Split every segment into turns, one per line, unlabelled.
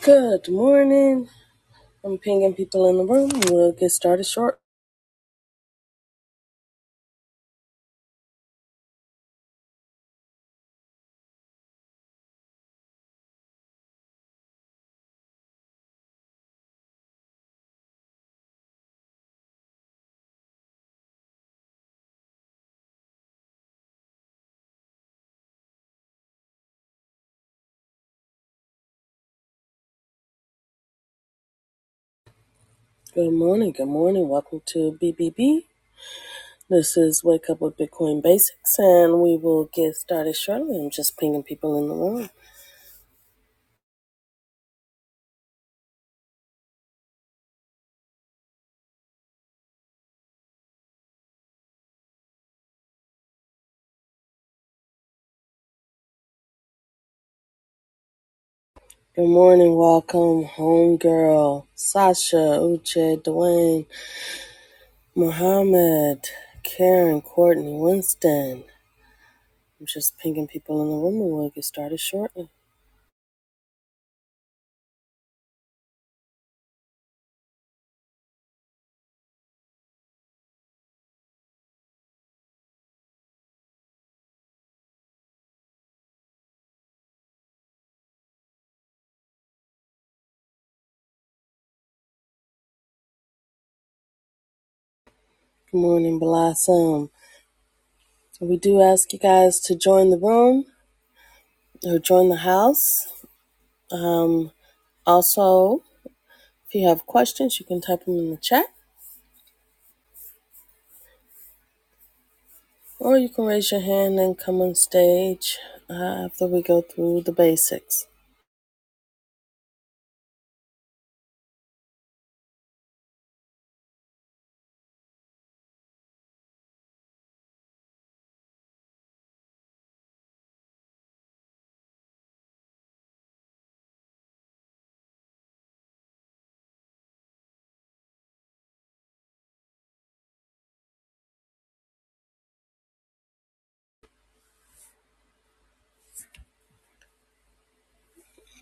Good morning. I'm pinging people in the room. We'll get started short. Good morning. Good morning. Welcome to BBB. This is Wake Up with Bitcoin Basics, and we will get started shortly. I'm just pinging people in the room. Good morning. Welcome, Homegirl, Sasha, Uche, Dwayne, Muhammad, Karen, Courtney, Winston. I'm just pinging people in the room, and we'll get started shortly. Good morning, Blossom. We do ask you guys to join the room or join the house. Um, also, if you have questions, you can type them in the chat or you can raise your hand and come on stage uh, after we go through the basics.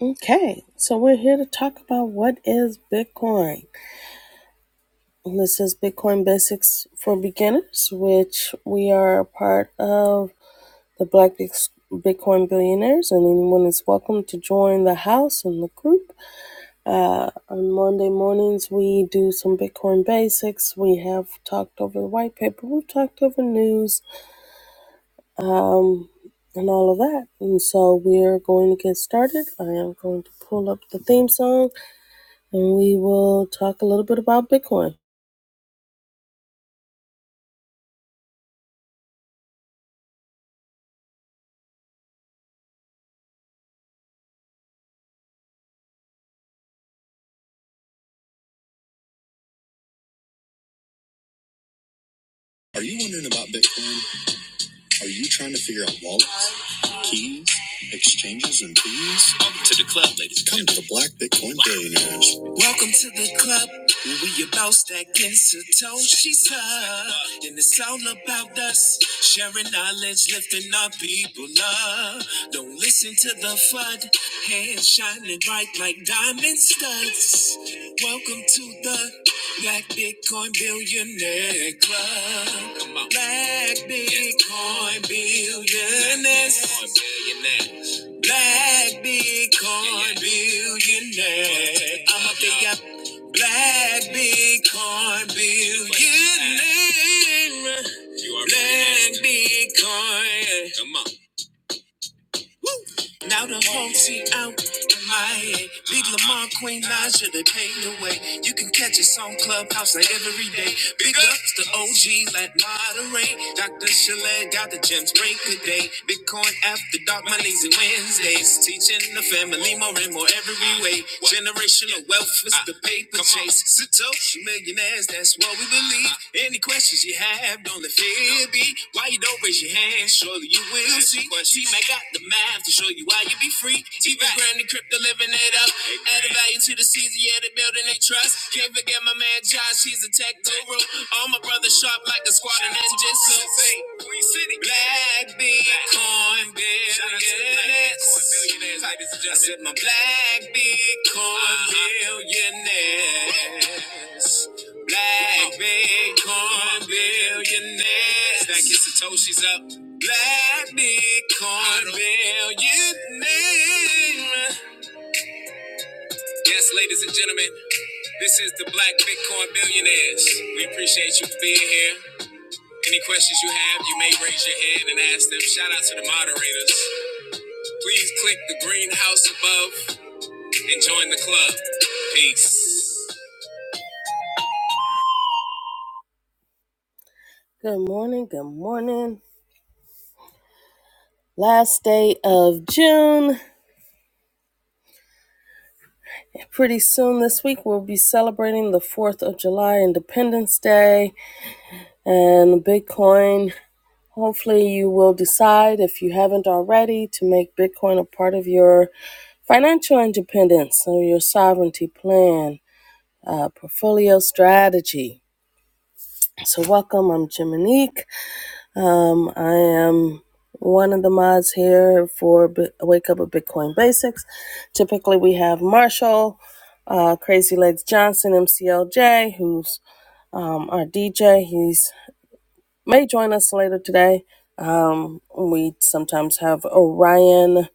Okay, so we're here to talk about what is Bitcoin. This is Bitcoin Basics for Beginners, which we are a part of the Black Bitcoin Billionaires, and anyone is welcome to join the house and the group Uh, on Monday mornings, we do some Bitcoin basics. We have talked over the white paper. We've talked over news um, and all of that. And so we're going to get started. I am going to pull up the theme song and we will talk a little bit about Bitcoin. Are you wondering about Bitcoin? Are you trying to figure out wallets, keys, exchanges, and fees? Welcome to the club, ladies. Come to the Black Bitcoin Billionaires, Welcome to the club. We about stacking Satoshi's up. And it's all about us. Sharing knowledge, lifting our people up. Don't listen to the FUD. Hands shining bright like diamond studs. Welcome to the Black Bitcoin Billionaire Club. Black Bitcoin Billionaires. Black Bitcoin billionaire. I'm up there, yeah. Black Bitcoin billionaire. Black Bitcoin. Come on. Now the whole team out in my Miami. Big Lamar, Queen Naja, they paved the way. You can catch us on Clubhouse like every day. Big ups to OG, let moderate. Dr. Chalet got the gems break today. Bitcoin after dark, my lazy Wednesdays. Teaching the family more and more every way. Generational wealth is the paper chase. Satoshi millionaires, that's what we believe. Any questions you have, don't let fear be. Why you don't raise your hand? Surely you will see. T Mac got the math to show you why you be free. TV grand and crypto living it up. Added value to the season, yeah, they building they trust. Can't forget my man Josh, he's a tech guru. All my brothers sharp like a squad of ninjas. Black Bitcoin billionaires. I said my black Bitcoin billionaires. Black Bitcoin billionaires. That gets Satoshi's up. Black Bitcoin billionaires. Yes, ladies and gentlemen, this is the Black Bitcoin Billionaires. We appreciate you for being here. Any questions you have, you may raise your hand and ask them. Shout out to the moderators. Please click the green house above and join the club. Peace. Good morning. Good morning. Last day of June. Pretty soon this week, we'll be celebrating the 4th of July, Independence Day, and Bitcoin. Hopefully, you will decide, if you haven't already, to make Bitcoin a part of your financial independence or your sovereignty plan, uh, portfolio strategy. So, welcome. I'm Jiminique. Um, I am one of the mods here for B- Wake Up with Bitcoin Basics. Typically, we have Marshall, uh, Crazy Legs Johnson, MCLJ, who's um, our DJ. He's may join us later today. Um, we sometimes have Orion.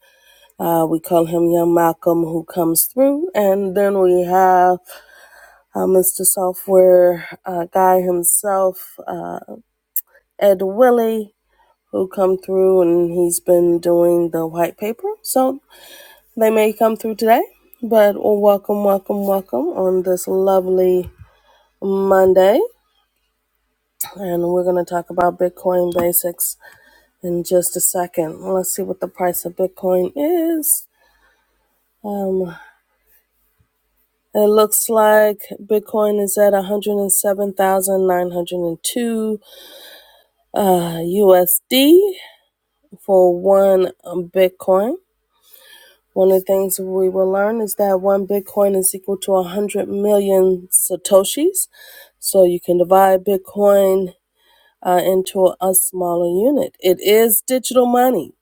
Uh, we call him Young Malcolm, who comes through, and then we have uh, Mr. Software uh, Guy himself, uh, Ed Willie. who come through and he's been doing the white paper. So they may come through today, but welcome, welcome, welcome on this lovely Monday. And we're going to talk about Bitcoin basics in just a second. Let's see what the price of Bitcoin is. Um, it looks like Bitcoin is at 107,902 uh, USD for one Bitcoin. One of the things we will learn is that one Bitcoin is equal to 100 million Satoshis. So you can divide Bitcoin uh, into a smaller unit. It is digital money.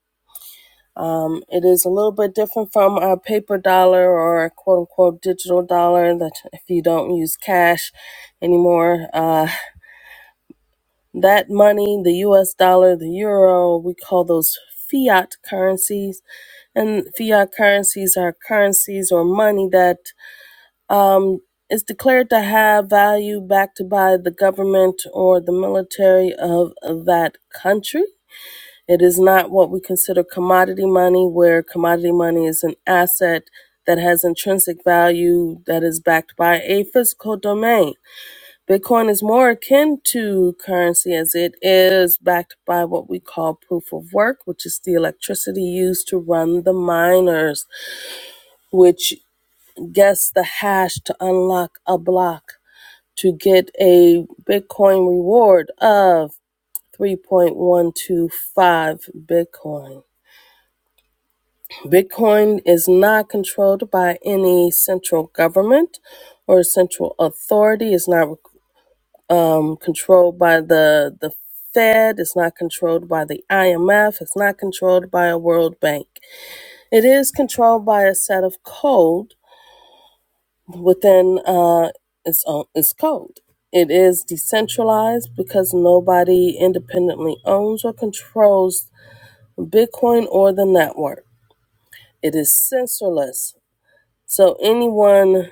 Um, it is a little bit different from our paper dollar or quote unquote digital dollar that if you don't use cash anymore, uh, that money, the US dollar, the euro, we call those fiat currencies. And fiat currencies are currencies or money that Um, it's declared to have value backed by the government or the military of that country. It is not what we consider commodity money, where commodity money is an asset that has intrinsic value that is backed by a physical domain. Bitcoin is more akin to currency as it is backed by what we call proof of work, which is the electricity used to run the miners, which guess the hash to unlock a block to get a Bitcoin reward of 3.125 Bitcoin. Bitcoin is not controlled by any central government or central authority. It's not um, controlled by the, the Fed. It's not controlled by the IMF. It's not controlled by a World Bank. It is controlled by a set of code within uh, its own its code. It is decentralized because nobody independently owns or controls Bitcoin or the network. It is censorless, so anyone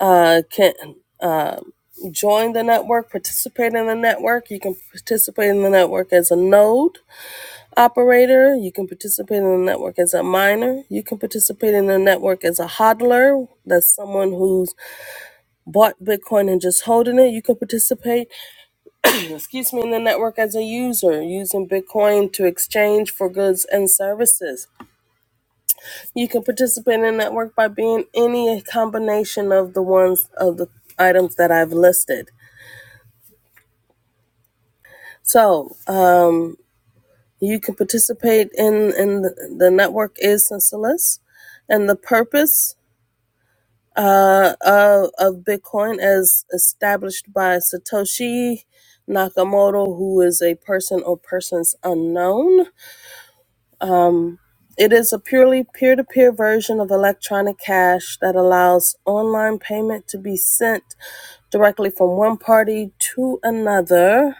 uh, can uh, join the network, participate in the network. You can participate in the network as a node operator. You can participate in the network as a miner. You can participate in the network as a hodler. That's someone who's bought Bitcoin and just holding it, you can participate, excuse me, in the network as a user, using Bitcoin to exchange for goods and services. You can participate in the network by being any combination of the ones of the items that I've listed. So uh, you can participate in, in the, the network is senseless. And the purpose uh, of, of Bitcoin as established by Satoshi Nakamoto, who is a person or persons unknown. It is a purely peer to peer version of electronic cash that allows online payment to be sent directly from one party to another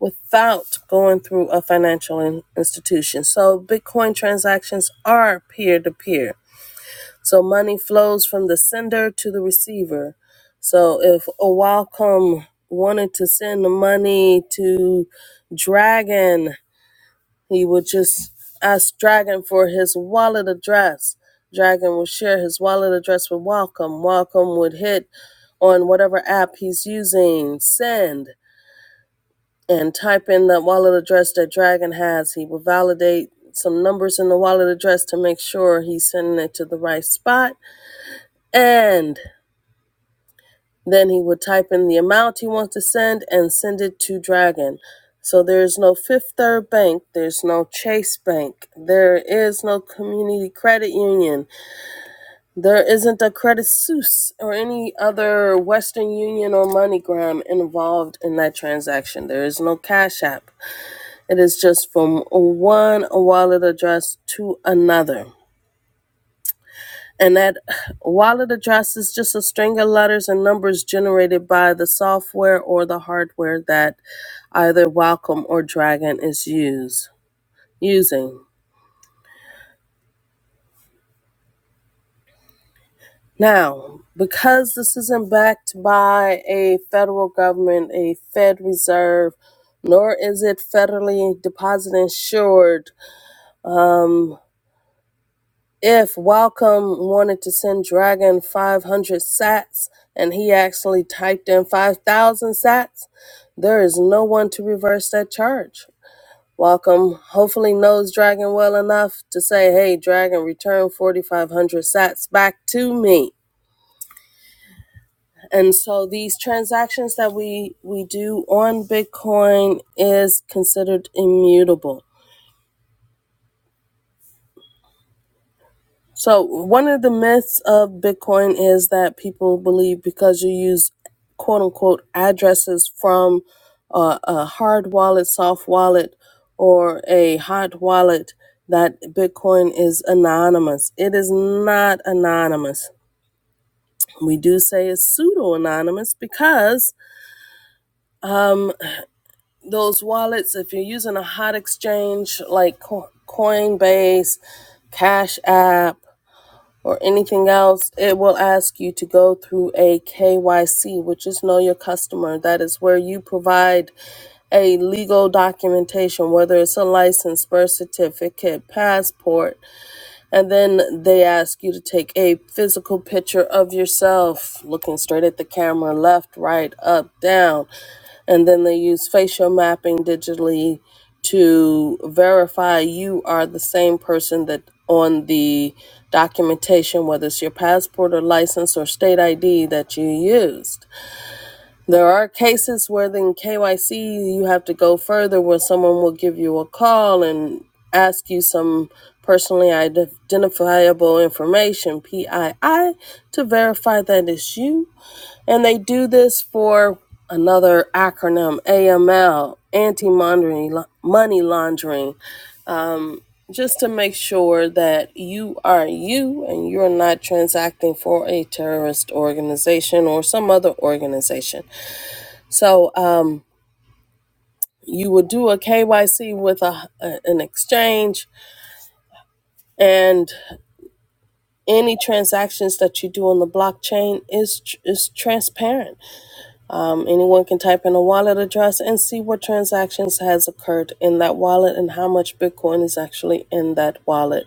without going through a financial in- institution. So Bitcoin transactions are peer to peer So money flows from the sender to the receiver. So if a Wacom wanted to send the money to Dragon, he would just ask Dragon for his wallet address. Dragon will share his wallet address with Wacom. Wacom would hit on whatever app he's using, send, and type in that wallet address that Dragon has. He will validate some numbers in the wallet address to make sure he's sending it to the right spot. And Then he would type in the amount he wants to send and send it to Dragon. So there's no Fifth Third Bank, there's no Chase Bank, there is no Community Credit Union, there isn't a Credit Suisse or any other Western Union or MoneyGram involved in that transaction. There is no Cash App. It is just from one wallet address to another. And that wallet address is just a string of letters and numbers generated by the software or the hardware that either Welcome or Dragon is use, using. Now, because this isn't backed by a federal government, a Fed Reserve, nor is it federally deposit insured, Um. If Welcome wanted to send Dragon 500 sats and he actually typed in 5,000 sats, there is no one to reverse that charge. Welcome hopefully knows Dragon well enough to say, hey, Dragon, return 4,500 sats back to me. And so these transactions that we, we do on Bitcoin is considered immutable. So, one of the myths of Bitcoin is that people believe because you use quote unquote addresses from uh, a hard wallet, soft wallet, or a hot wallet, that Bitcoin is anonymous. It is not anonymous. We do say it's pseudo anonymous because those wallets, if you're using a hot exchange like Coinbase, Cash App, or anything else, it will ask you to go through a KYC, which is Know Your Customer. That is where you provide a legal documentation, whether it's a license, birth certificate, passport, and then they ask you to take a physical picture of yourself, looking straight at the camera, left, right, up, down and then they use facial mapping digitally to verify you are the same person that on the documentation, whether it's your passport or license or state ID that you used. There are cases where in KYC you have to go further where someone will give you a call and ask you some personally identifiable information, PII, to verify that it's you and they do this for another acronym, AML, anti money laundering, just to make sure that you are you and you're not transacting for a terrorist organization or some other organization. So, um, you would do a KYC with a, a- an exchange, and any transactions that you do on the blockchain is is transparent. Anyone can type in a wallet address and see what transactions has occurred in that wallet and how much Bitcoin is actually in that wallet.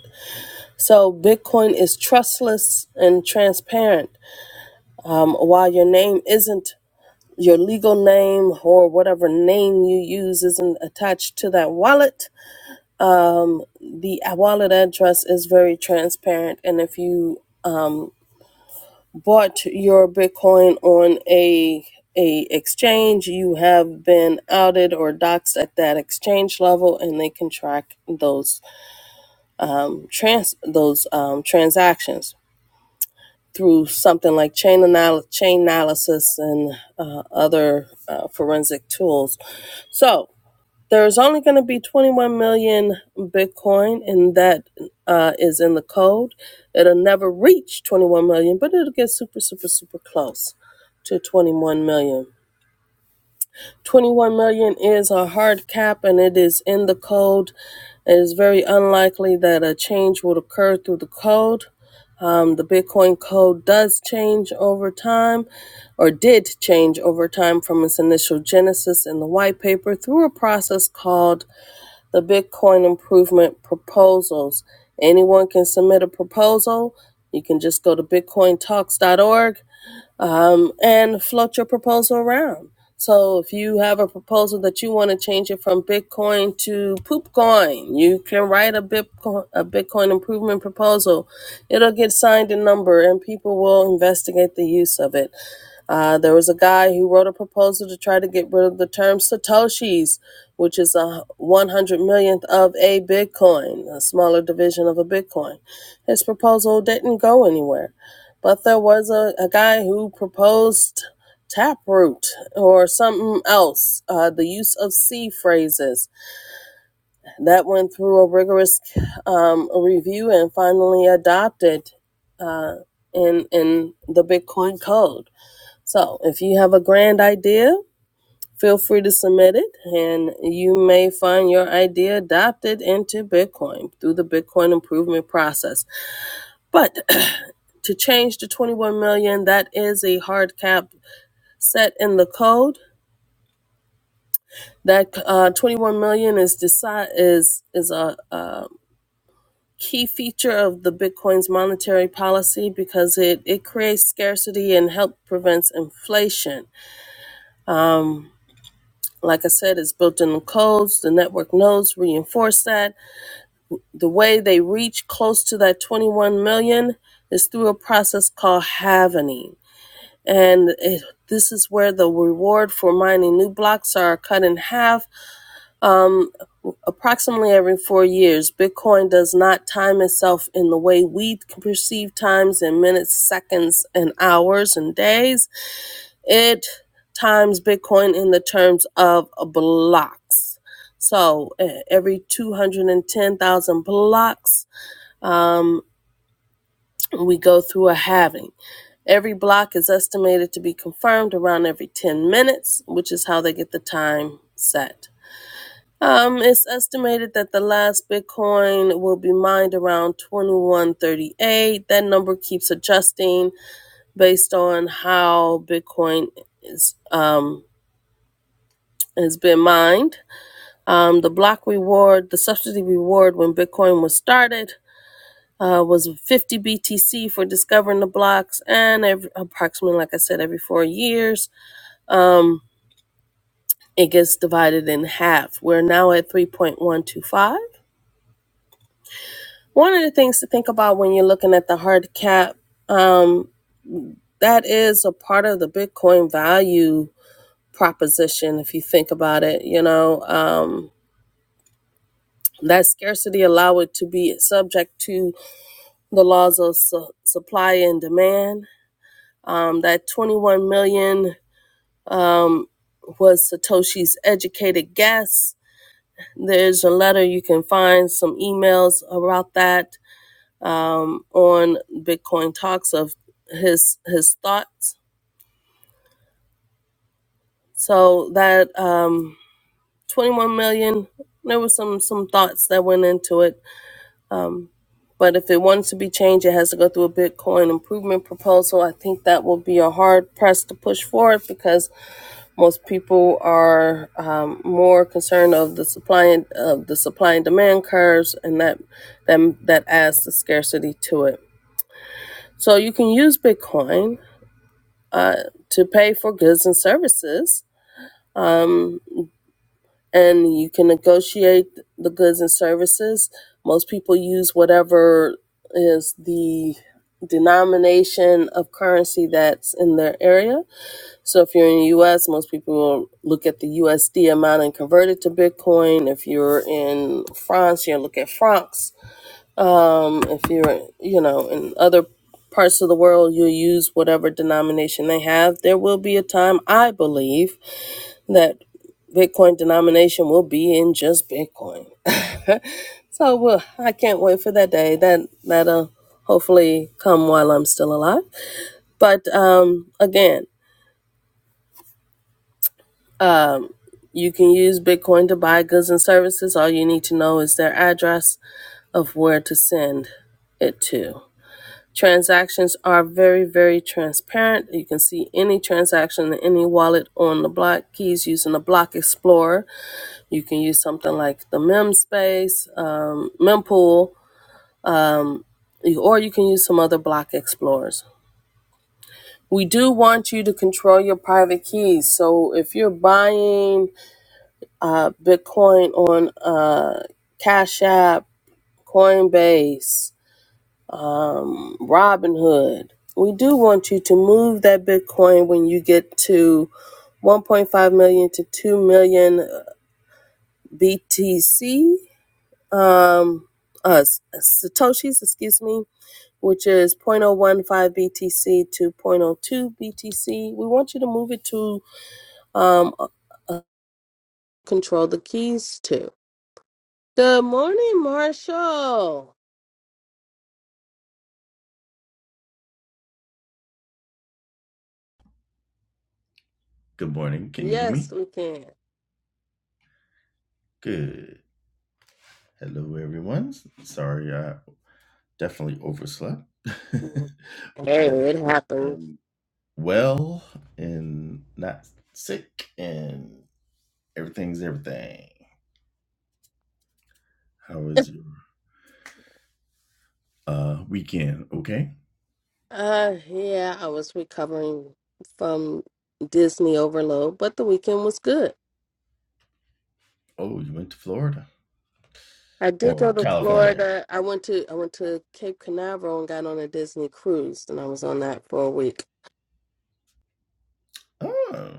So Bitcoin is trustless and transparent. Um, while your name isn't your legal name or whatever name you use isn't attached to that wallet, the wallet address is very transparent. And if you bought your Bitcoin on a a exchange, you have been outed or doxxed at that exchange level, and they can track those trans those um, transactions through something like chain anal- chain analysis and uh, other uh, forensic tools. So. There's only going to be 21 million Bitcoin, and that uh, is in the code. It'll never reach 21 million, but it'll get super, super, super close to 21 million. 21 million is a hard cap, and it is in the code. It is very unlikely that a change would occur through the code. Um, the Bitcoin code does change over time, or did change over time from its initial genesis in the white paper through a process called the Bitcoin improvement proposals. Anyone can submit a proposal. You can just go to bitcointalks.org um, and float your proposal around. So if you have a proposal that you want to change it from Bitcoin to Poopcoin, you can write a Bitcoin, a Bitcoin improvement proposal. It'll get signed and numbered, and people will investigate the use of it. Uh, there was a guy who wrote a proposal to try to get rid of the term Satoshis, which is a 100 millionth of a Bitcoin, a smaller division of a Bitcoin. His proposal didn't go anywhere. But there was a, a guy who proposed taproot or something else, uh, the use of C phrases. That went through a rigorous um, review and finally adopted uh, in, in the Bitcoin code. So, if you have a grand idea, feel free to submit it, and you may find your idea adopted into Bitcoin through the Bitcoin improvement process. But to change to 21 million, that is a hard cap set in the code. That uh, 21 million is decide is is a, a key feature of the Bitcoin's monetary policy because it it creates scarcity and help prevents inflation. Um. Like I said, it's built in the codes. The network nodes reinforce that. The way they reach close to that 21 million is through a process called halvening. And it, this is where the reward for mining new blocks are cut in half. Um, approximately every four years, Bitcoin does not time itself in the way we perceive times in minutes, seconds, and hours and days it times Bitcoin in the terms of blocks. So eh, every 210,000 blocks, um, we go through a halving. Every block is estimated to be confirmed around every 10 minutes, which is how they get the time set. Um, it's estimated that the last Bitcoin will be mined around 2138. That number keeps adjusting based on how Bitcoin is. Um, has been mined. Um, the block reward, the subsidy reward when Bitcoin was started, uh, was 50 BTC for discovering the blocks, and every, approximately, like I said, every four years, um, it gets divided in half. We're now at 3.125. One two five. One of the things to think about when you're looking at the hard cap, um, that is a part of the Bitcoin value proposition. If you think about it, you know, um, that scarcity allow it to be subject to the laws of su- supply and demand. Um, that 21 million um, was Satoshi's educated guess. There's a letter you can find some emails about that um, on Bitcoin Talks of his his thoughts. So that um, 21 million, there were some some thoughts that went into it. But if it wants to be changed, it has to go through a Bitcoin improvement proposal. I think that will be a hard press to push forward because Most people are um, more concerned of the supply and of the supply and demand curves, and that that that adds the scarcity to it. So you can use Bitcoin uh, to pay for goods and services, and you can negotiate the goods and services. Most people use whatever is the denomination of currency that's in their area So if you're in the US, most people will look at the USD amount and convert it to Bitcoin. If you're in France, you'll look at francs. Um, If you're, you know, in other parts of the world, you'll use whatever denomination they have. There will be a time, I believe, that Bitcoin denomination will be in just Bitcoin. So well, I can't wait for that day. That that'll hopefully come while I'm still alive. But um, again. You can use Bitcoin to buy goods and services. All you need to know is their address of where to send it to. Transactions are very, very transparent. You can see any transaction in any wallet on the block keys using the Block Explorer. You can use something like the MemSpace, um, Mempool, or you can use some other Block Explorers. We do want you to control your private keys. So if you're buying uh, Bitcoin on uh, Cash App, Coinbase, um, Robinhood. We do want you to move that Bitcoin when you get to 1.5 million to 2 million BTC, um, uh, Satoshis, excuse me, which is 0.015 BTC to zero point zero 0.02 BTC. We want you to move it to um, uh, uh, control the keys to. Good morning, Marshall.
Good morning. Can you hear
Yes,
me?
we can.
Good. Hello, everyone. Sorry, I definitely overslept,
Hey,
but
it happens.
am well and not sick, and everything's everything. How was your uh, weekend? Okay.
Uh, yeah, I was recovering from Disney overload, but the weekend was good.
Oh, you went to Florida
I did go
or
to
California?
Florida. I went to I went to Cape Canaveral and got on a Disney cruise, and I was on that for a week.
Oh,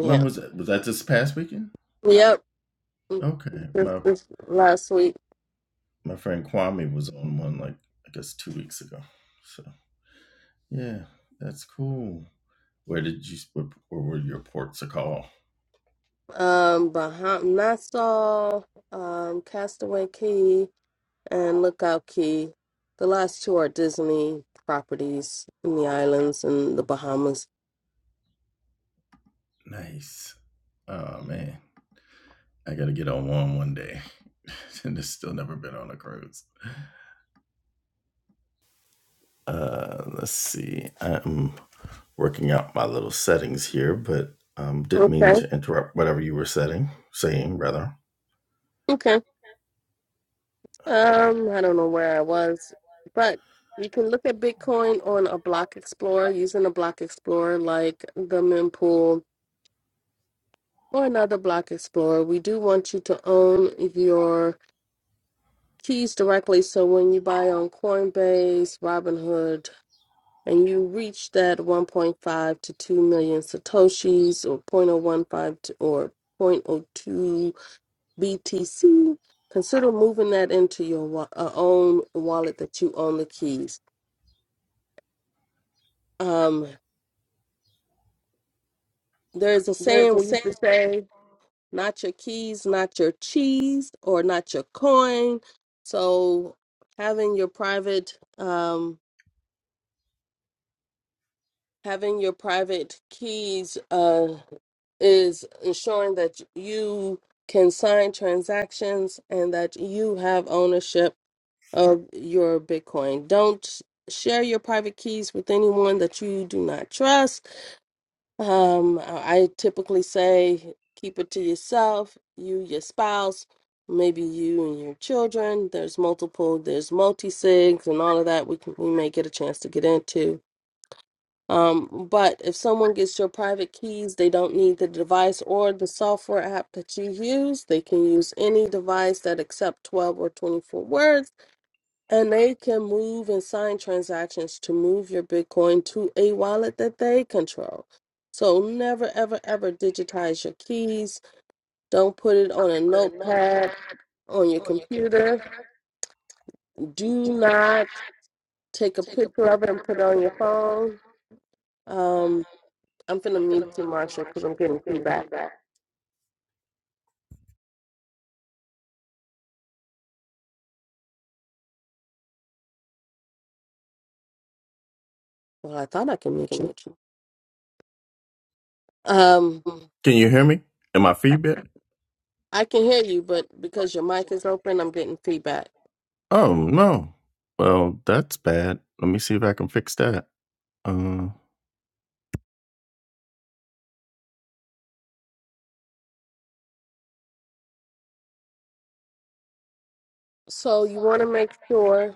when was that? Was that this past weekend?
yep. Mm,
Okay,
This,
my
this last week,
my friend Kwame was on one like I guess two weeks ago. So yeah, that's cool. Where did you? Where, were your ports of call?
um, Baham Nassau, um, Castaway Key, and Lookout Key. The last two are Disney properties in the islands in the Bahamas.
Nice. Oh man, I gotta get on one one day. and it's still never been on a cruise. Uh, let's see. I'm working out my little settings here, but um, didn't mean
Okay.
to interrupt whatever you were setting, saying rather.
Okay. Um, I don't know where I was, but you can look at Bitcoin on a block explorer using a block explorer like the mempool or another block explorer. We do want you to own your keys directly. So when you buy on Coinbase, Robinhood, and you reach that 1.5 to 2 million satoshis or point oh one five to, or point oh two BTC, consider moving that into your wa- uh, own wallet that you own the keys Um, there's a saying we used to say, not your keys, not your cheese, or not your coin. So having your private um having your private keys uh is ensuring that you can sign transactions and that you have ownership of your Bitcoin. Don't share your private keys with anyone that you do not trust Um, I typically say keep it to yourself, you, your spouse, maybe you and your children. There's multiple, there's multi sigs and all of that. We can, we may get a chance to get into. Um, but if someone gets your private keys, they don't need the device or the software app that you use. They can use any device that accept 12 or 24 words and they can move and sign transactions to move your Bitcoin to a wallet that they control. So never, ever, ever digitize your keys. Don't put it on a notepad on your computer. Do not take a picture of it and put it on your phone. Um, I'm finna mute you, Marsha, because I'm getting feedback. Well, I thought I could mute you. Um,
Can you hear me? Am I feedback?
I can hear you, but because your mic is open, I'm getting feedback.
Oh no. Well, that's bad. Let me see if I can fix that. Uh,
So you want to make sure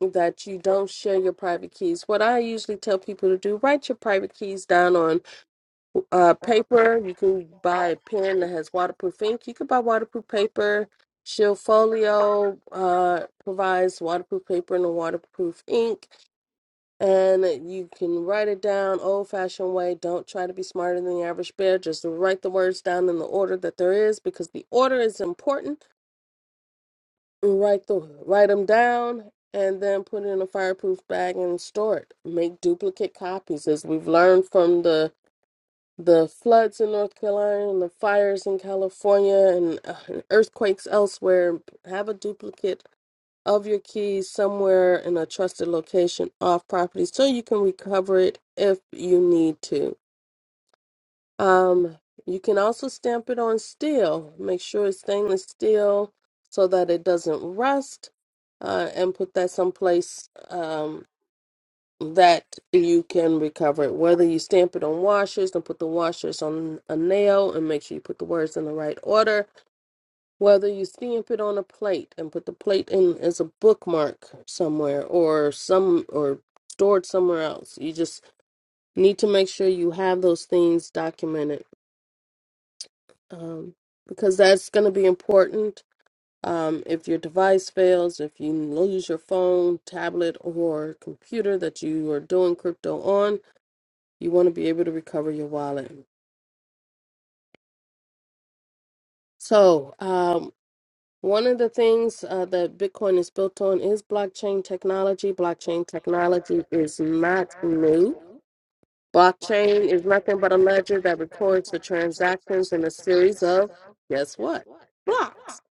that you don't share your private keys. What I usually tell people to do, write your private keys down on uh paper you can buy a pen that has waterproof ink you can buy waterproof paper shield folio uh provides waterproof paper and a waterproof ink and you can write it down old fashioned way don't try to be smarter than the average bear just write the words down in the order that there is because the order is important write the write them down and then put it in a fireproof bag and store it make duplicate copies as we've learned from the the floods in North Carolina and the fires in California and uh, earthquakes elsewhere, have a duplicate of your keys somewhere in a trusted location off property so you can recover it if you need to. Um, you can also stamp it on steel. Make sure it's stainless steel so that it doesn't rust. Uh, and put that someplace Um, that you can recover it. Whether you stamp it on washers and put the washers on a nail and make sure you put the words in the right order, whether you stamp it on a plate and put the plate in as a bookmark somewhere or some or stored somewhere else. You just need to make sure you have those things documented um, because that's going to be important. Um, if your device fails, if you lose your phone, tablet, or computer that you are doing crypto on, You want to be able to recover your wallet. So, um, one of the things uh, that Bitcoin is built on is blockchain technology. Blockchain technology is not new. Blockchain is nothing but a ledger that records the transactions in a series of, guess what, blocks.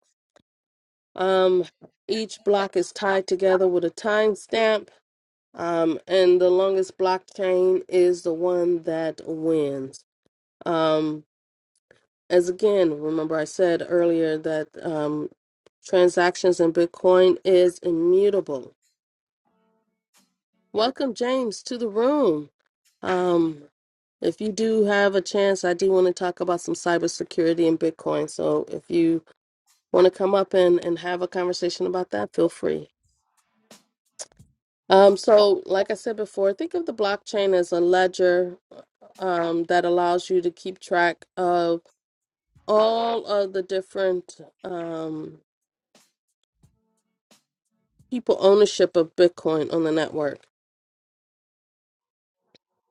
Um, each block is tied together with a timestamp, um, and the longest blockchain is the one that wins. Um, as again, remember I said earlier that um, transactions in Bitcoin is immutable. Welcome, James, to the room. Um, if you do have a chance, I do want to talk about some cybersecurity in Bitcoin. So if you want to come up and, and have a conversation about that, feel free. Um, so, like I said before, think of the blockchain as a ledger um, that allows you to keep track of all of the different. um, people ownership of Bitcoin on the network.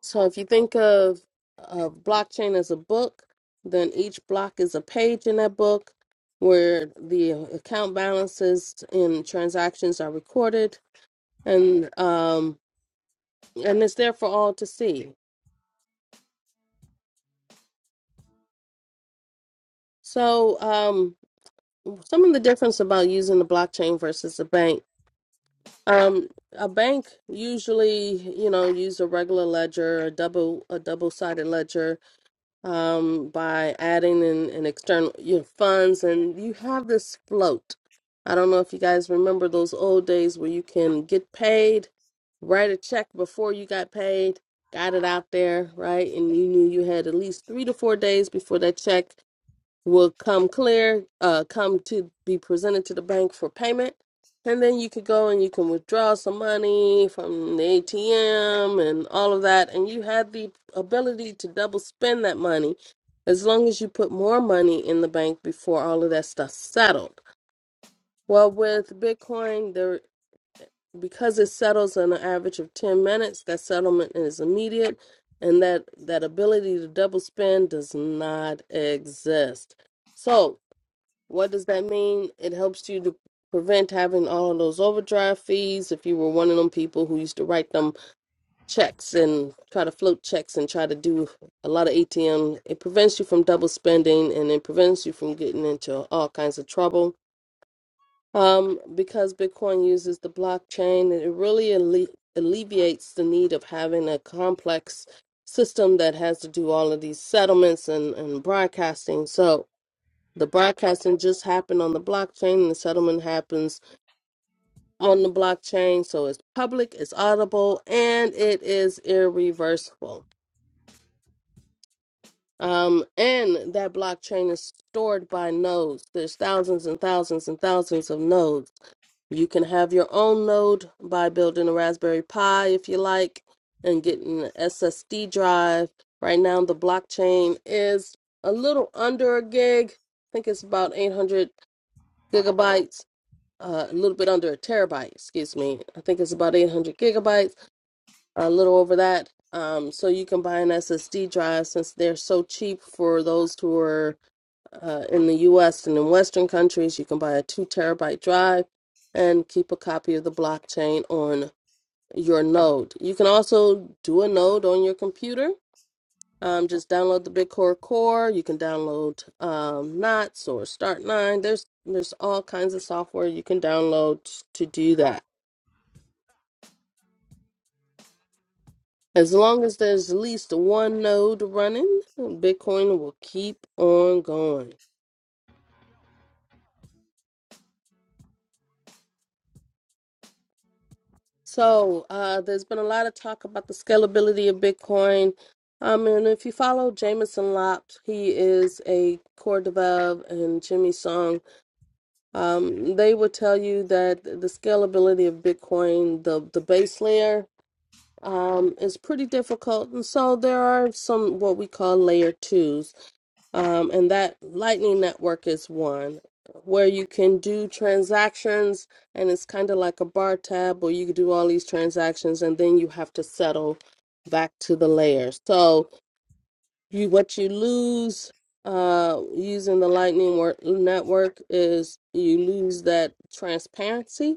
So if you think of a blockchain as a book, then each block is a page in that book where the account balances and transactions are recorded, and um, and it's there for all to see. So um, some of the difference about using the blockchain versus a bank. Um, a bank usually, you know, use a regular ledger, a double a double-sided ledger, um, by adding in, in external your funds, and you have this float. I don't know if you guys remember those old days where you can get paid, write a check before you got paid, got it out there, right? And you knew you had at least three to four days before that check will come clear, uh, come to be presented to the bank for payment. And then you could go and you can withdraw some money from the ATM and all of that. And you had the ability to double spend that money as long as you put more money in the bank before all of that stuff settled. Well, with Bitcoin, there because it settles on an average of 10 minutes, that settlement is immediate and that that ability to double spend does not exist. So, what does that mean? It helps you to prevent having all of those overdraft fees if you were one of them people who used to write them checks and try to float checks and try to do a lot of ATM. It prevents you from double spending and it prevents you from getting into all kinds of trouble. Um, because Bitcoin uses the blockchain, it really alle- alleviates the need of having a complex system that has to do all of these settlements and, and broadcasting. So, the broadcasting just happened on the blockchain, and the settlement happens on the blockchain. So it's public, it's audible, and it is irreversible. Um, and that blockchain is stored by nodes. There's thousands and thousands and thousands of nodes. You can have your own node by building a Raspberry Pi if you like, and getting an SSD drive. Right now, the blockchain is a little under a gig. I think it's about 800 gigabytes uh, a little bit under a terabyte, excuse me. I think it's about 800 gigabytes, a little over that. Um, so you can buy an SSD drive since they're so cheap for those who are uh, in the US and in Western countries. You can buy a two terabyte drive and keep a copy of the blockchain on your node. You can also do a node on your computer um, just download the BitCore Core. You can download um, Knots or Start Nine. There's there's all kinds of software you can download to do that. As long as there's at least one node running, Bitcoin will keep on going. So uh, there's been a lot of talk about the scalability of Bitcoin. Um, and if you follow Jameson Lopt, he is a core dev and Jimmy Song Um, they would tell you that the scalability of Bitcoin, the the base layer, um, is pretty difficult, and so there are some what we call layer twos, um, and that Lightning Network is one where you can do transactions, and it's kind of like a bar tab where you can do all these transactions, and then you have to settle back to the layer. So you what you lose uh using the lightning work, network is you lose that transparency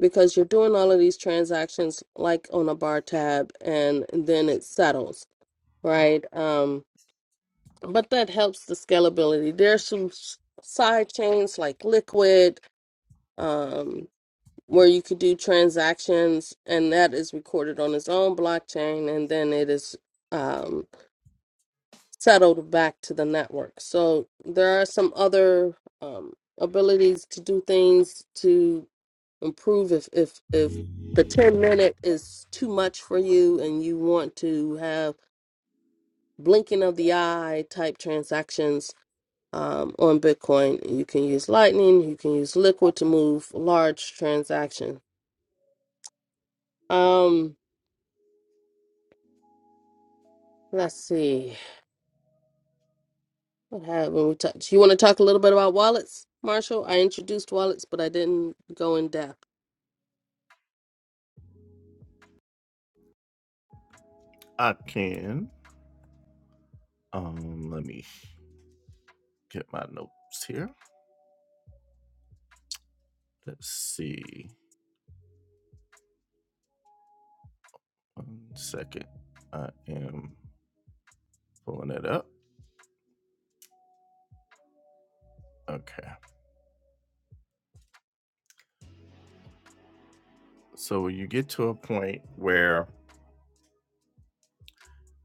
because you're doing all of these transactions like on a bar tab and then it settles right um but that helps the scalability there's some s- side chains like liquid um where you could do transactions and that is recorded on its own blockchain and then it is um. settled back to the network. So there are some other um, abilities to do things to improve if if if the 10 minute is too much for you and you want to have blinking of the eye type transactions um, on Bitcoin, you can use Lightning, you can use Liquid to move large transactions. Um, let's see what happened. We touch. You want to talk a little bit about wallets, Marshall? I introduced wallets, but I didn't go in depth.
I can. Um, let me get my notes here. Let's see. One second. I am pulling it up. Okay. So you get to a point where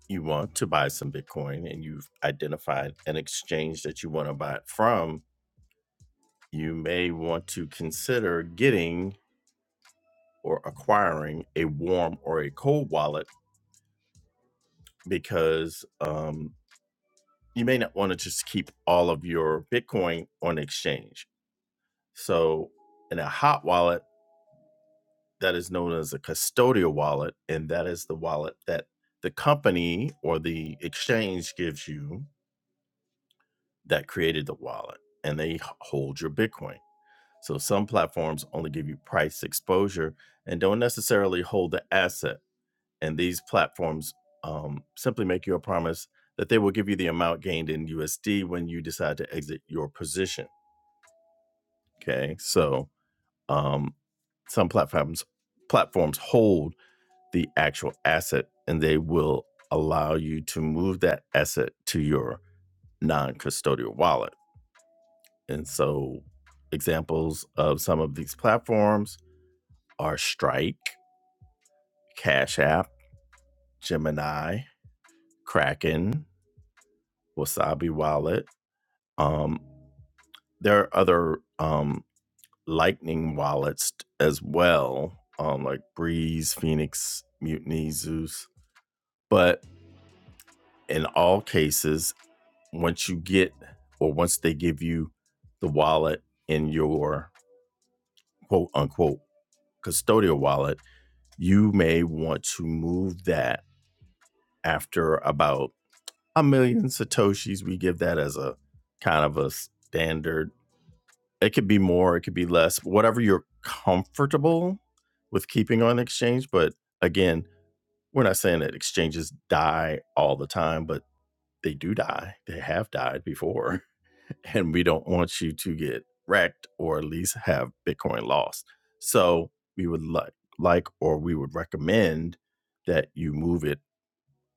you want to buy some Bitcoin and you've identified an exchange that you want to buy it from, you may want to consider getting or acquiring a warm or a cold wallet because um, you may not want to just keep all of your Bitcoin on exchange. So in a hot wallet, that is known as a custodial wallet, and that is the wallet that the company or the exchange gives you that created the wallet, and they h- hold your Bitcoin. So some platforms only give you price exposure and don't necessarily hold the asset. And these platforms um, simply make you a promise that they will give you the amount gained in USD when you decide to exit your position. Okay, so um, some platforms platforms hold the actual asset and they will allow you to move that asset to your non-custodial wallet and so examples of some of these platforms are strike cash app gemini kraken wasabi wallet um, there are other um, lightning wallets as well um, like breeze phoenix mutiny zeus but in all cases once you get or once they give you the wallet in your quote unquote custodial wallet, you may want to move that after about a million satoshis. We give that as a kind of a standard. It could be more, it could be less, whatever you're comfortable with keeping on exchange. But again, we're not saying that exchanges die all the time, but they do die. They have died before. and we don't want you to get wrecked or at least have Bitcoin lost. So we would like, like, or we would recommend that you move it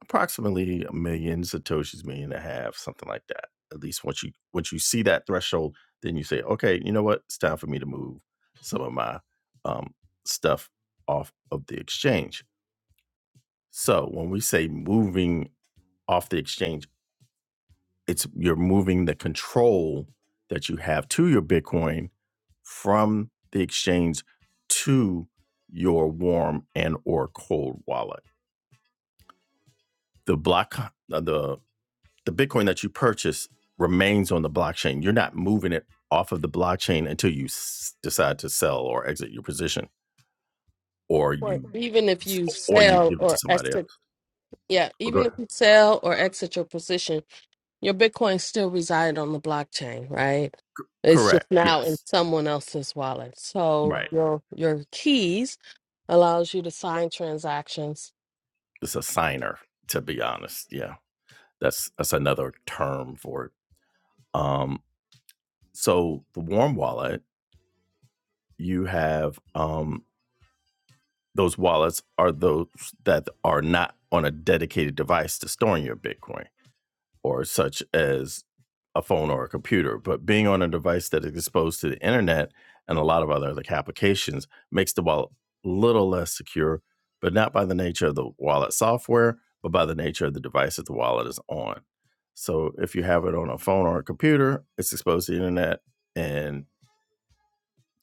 approximately a million satoshis, million and a half, something like that. At least once you once you see that threshold, then you say, okay, you know what, it's time for me to move some of my um, stuff off of the exchange. So when we say moving off the exchange it's you're moving the control that you have to your Bitcoin from the exchange to your warm and or cold wallet. The block uh, the the Bitcoin that you purchase remains on the blockchain. You're not moving it off of the blockchain until you s- decide to sell or exit your position or
Well,
you
even if you
or you
sell
give it to
or
somebody
exit,
else.
yeah,
Or go
even if
ahead.
you sell or exit your position, your Bitcoin still reside on the blockchain, right? It's just
Correct.
now in
Yes.
someone else's wallet. So
Right.
your your keys allows you to sign transactions.
It's a signer to be honest. Yeah. That's that's another term for it. Um, so the warm wallet, you have um, those wallets are those that are not on a dedicated device to storing your Bitcoin, or such as a phone or a computer. But being on a device that is exposed to the internet and a lot of other like applications makes the wallet a little less secure, but not by the nature of the wallet software, but by the nature of the device that the wallet is on. So if you have it on a phone or a computer, it's exposed to the internet and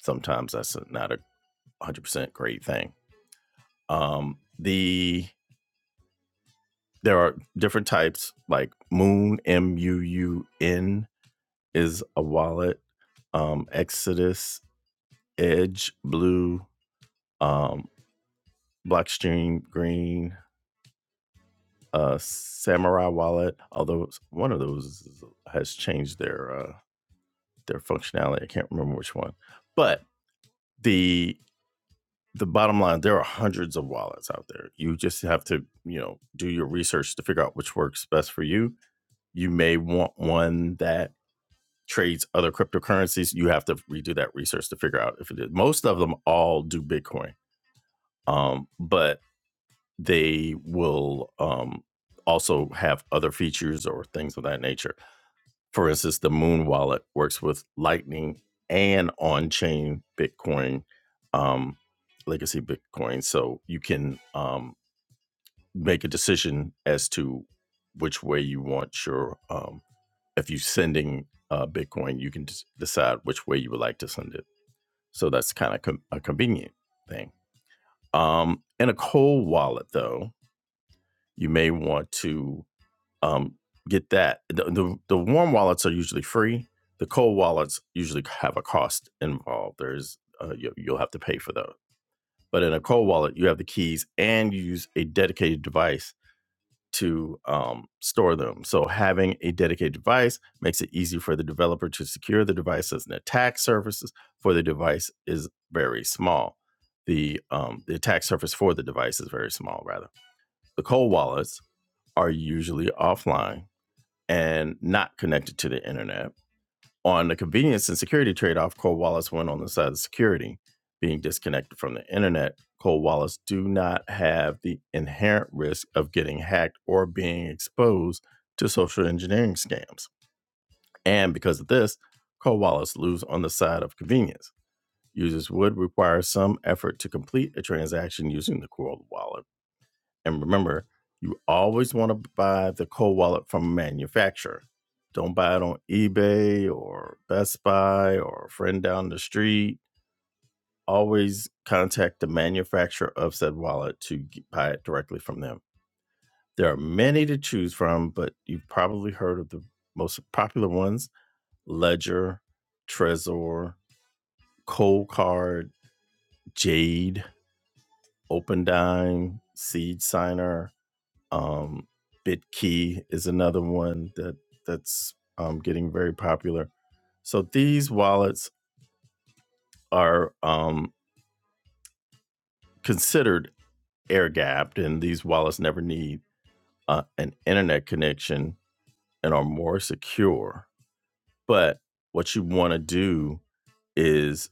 sometimes that's not a 100% great thing. Um, the there are different types like Moon M U U N is a wallet, um, Exodus, Edge, Blue, um, Blockstream, Green, uh, Samurai Wallet. Although one of those has changed their uh, their functionality, I can't remember which one. But the the bottom line there are hundreds of wallets out there you just have to you know do your research to figure out which works best for you you may want one that trades other cryptocurrencies you have to redo that research to figure out if it is most of them all do bitcoin um, but they will um, also have other features or things of that nature for instance, the Moon Wallet works with Lightning and on chain Bitcoin, um, legacy Bitcoin. So you can um, make a decision as to which way you want your, um, if you're sending uh, Bitcoin, you can just decide which way you would like to send it. So that's kind of com- a convenient thing. Um, in a cold wallet, though, you may want to um, get that. The, the the warm wallets are usually free. The cold wallets usually have a cost involved. There's uh, you, you'll have to pay for those. But in a cold wallet, you have the keys and you use a dedicated device to um, store them. So having a dedicated device makes it easy for the developer to secure the devices and attack surfaces for the device is very small. The um, the attack surface for the device is very small. Rather, the cold wallets are usually offline and not connected to the internet. On the convenience and security trade off, Cole Wallace went on the side of security. Being disconnected from the internet, Cole Wallace do not have the inherent risk of getting hacked or being exposed to social engineering scams. And because of this, Cole Wallace lose on the side of convenience. Users would require some effort to complete a transaction using the Cole Wallet and remember, you always want to buy the cold wallet from a manufacturer. Don't buy it on eBay or Best Buy or a friend down the street. Always contact the manufacturer of said wallet to buy it directly from them. There are many to choose from, but you've probably heard of the most popular ones Ledger, Trezor, Cold Card, Jade, OpenDime, Seed Signer, Um, Bitkey is another one that that's um, getting very popular. So these wallets are um, considered air gapped, and these wallets never need uh, an internet connection and are more secure. But what you want to do is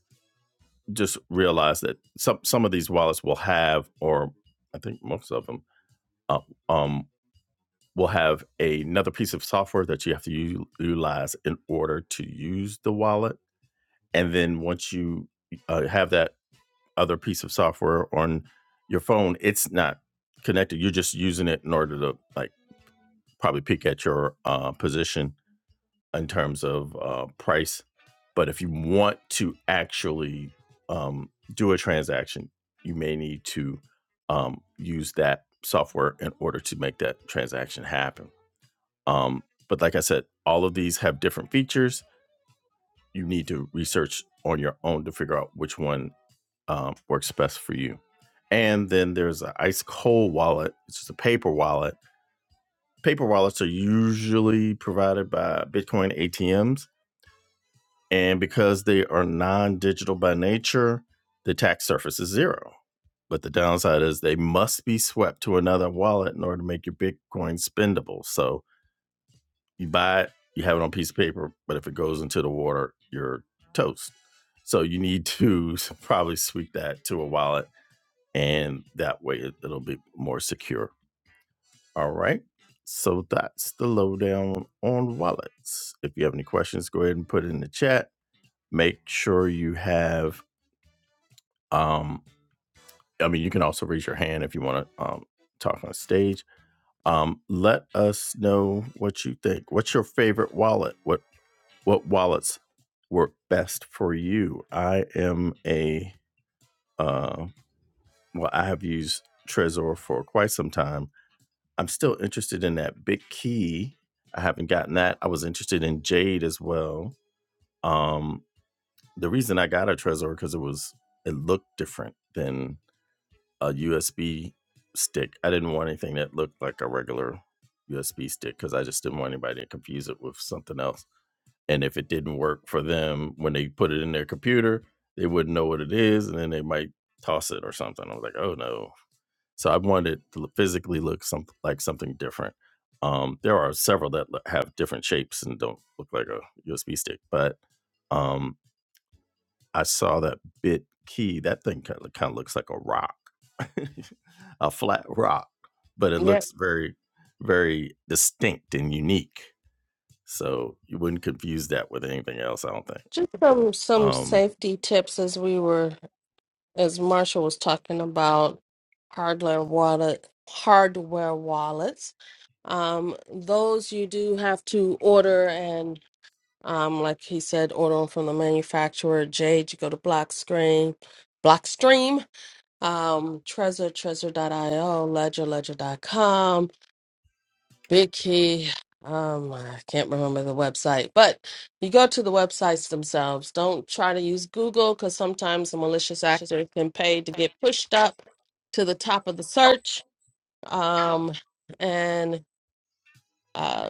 just realize that some some of these wallets will have, or I think most of them, uh, um, will have a, another piece of software that you have to u- utilize in order to use the wallet. And then once you uh, have that other piece of software on your phone, it's not connected. You're just using it in order to like probably peek at your uh, position in terms of uh, price. But if you want to actually um, do a transaction, you may need to um, use that software in order to make that transaction happen. Um, but like I said, all of these have different features. You need to research on your own to figure out which one um, works best for you. And then there's an ice cold wallet, which is a paper wallet. Paper wallets are usually provided by Bitcoin ATMs. And because they are non digital by nature, the tax surface is zero. But the downside is they must be swept to another wallet in order to make your Bitcoin spendable. So you buy it, you have it on a piece of paper, but if it goes into the water, you're toast. So you need to probably sweep that to a wallet, and that way it, it'll be more secure. All right. So that's the lowdown on wallets. If you have any questions, go ahead and put it in the chat. Make sure you have. Um, I mean, you can also raise your hand if you want to um, talk on stage. Um, let us know what you think. What's your favorite wallet? What what wallets work best for you. I am a uh, well, I have used Trezor for quite some time. I'm still interested in that Big Key. I haven't gotten that. I was interested in Jade as well. Um, the reason I got a Trezor because it was it looked different than a USB stick. I didn't want anything that looked like a regular USB stick because I just didn't want anybody to confuse it with something else. and if it didn't work for them when they put it in their computer they wouldn't know what it is and then they might toss it or something i was like oh no so i wanted to look- physically look some, like something different um, there are several that lo- have different shapes and don't look like a usb stick but um, i saw that bit key that thing kind of, kind of looks like a rock a flat rock but it
Yeah,
looks very very distinct and unique so you wouldn't confuse that with anything else i don't think
just some some
um,
safety tips as we were as Marshall was talking about hardware wallet hardware wallets. Um, those you do have to order and Um, like he said, order 'em from the manufacturer. Jade, you go to Blockstream, Blockstream, um, Trezor, Trezor.io, Ledger, Ledger.com, Big Key. Um, I can't remember the website, but you go to the websites themselves. Don't try to use Google because sometimes a malicious actor can pay to get pushed up to the top of the search. Um, and uh,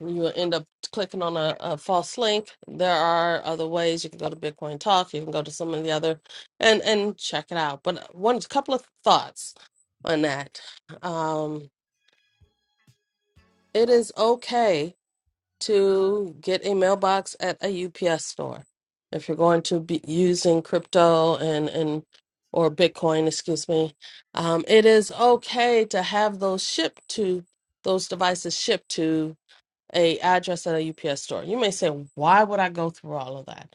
you will end up clicking on a, a false link. There are other ways. You can go to Bitcoin Talk. You can go to some of the other and and check it out. But uh, one couple of thoughts on that. Um, it is okay to get a mailbox at a UPS store if you're going to be using crypto and and or Bitcoin, excuse me. Um, it is okay to have those shipped to those devices shipped to a address at a UPS store. You may say, why would I go through all of that?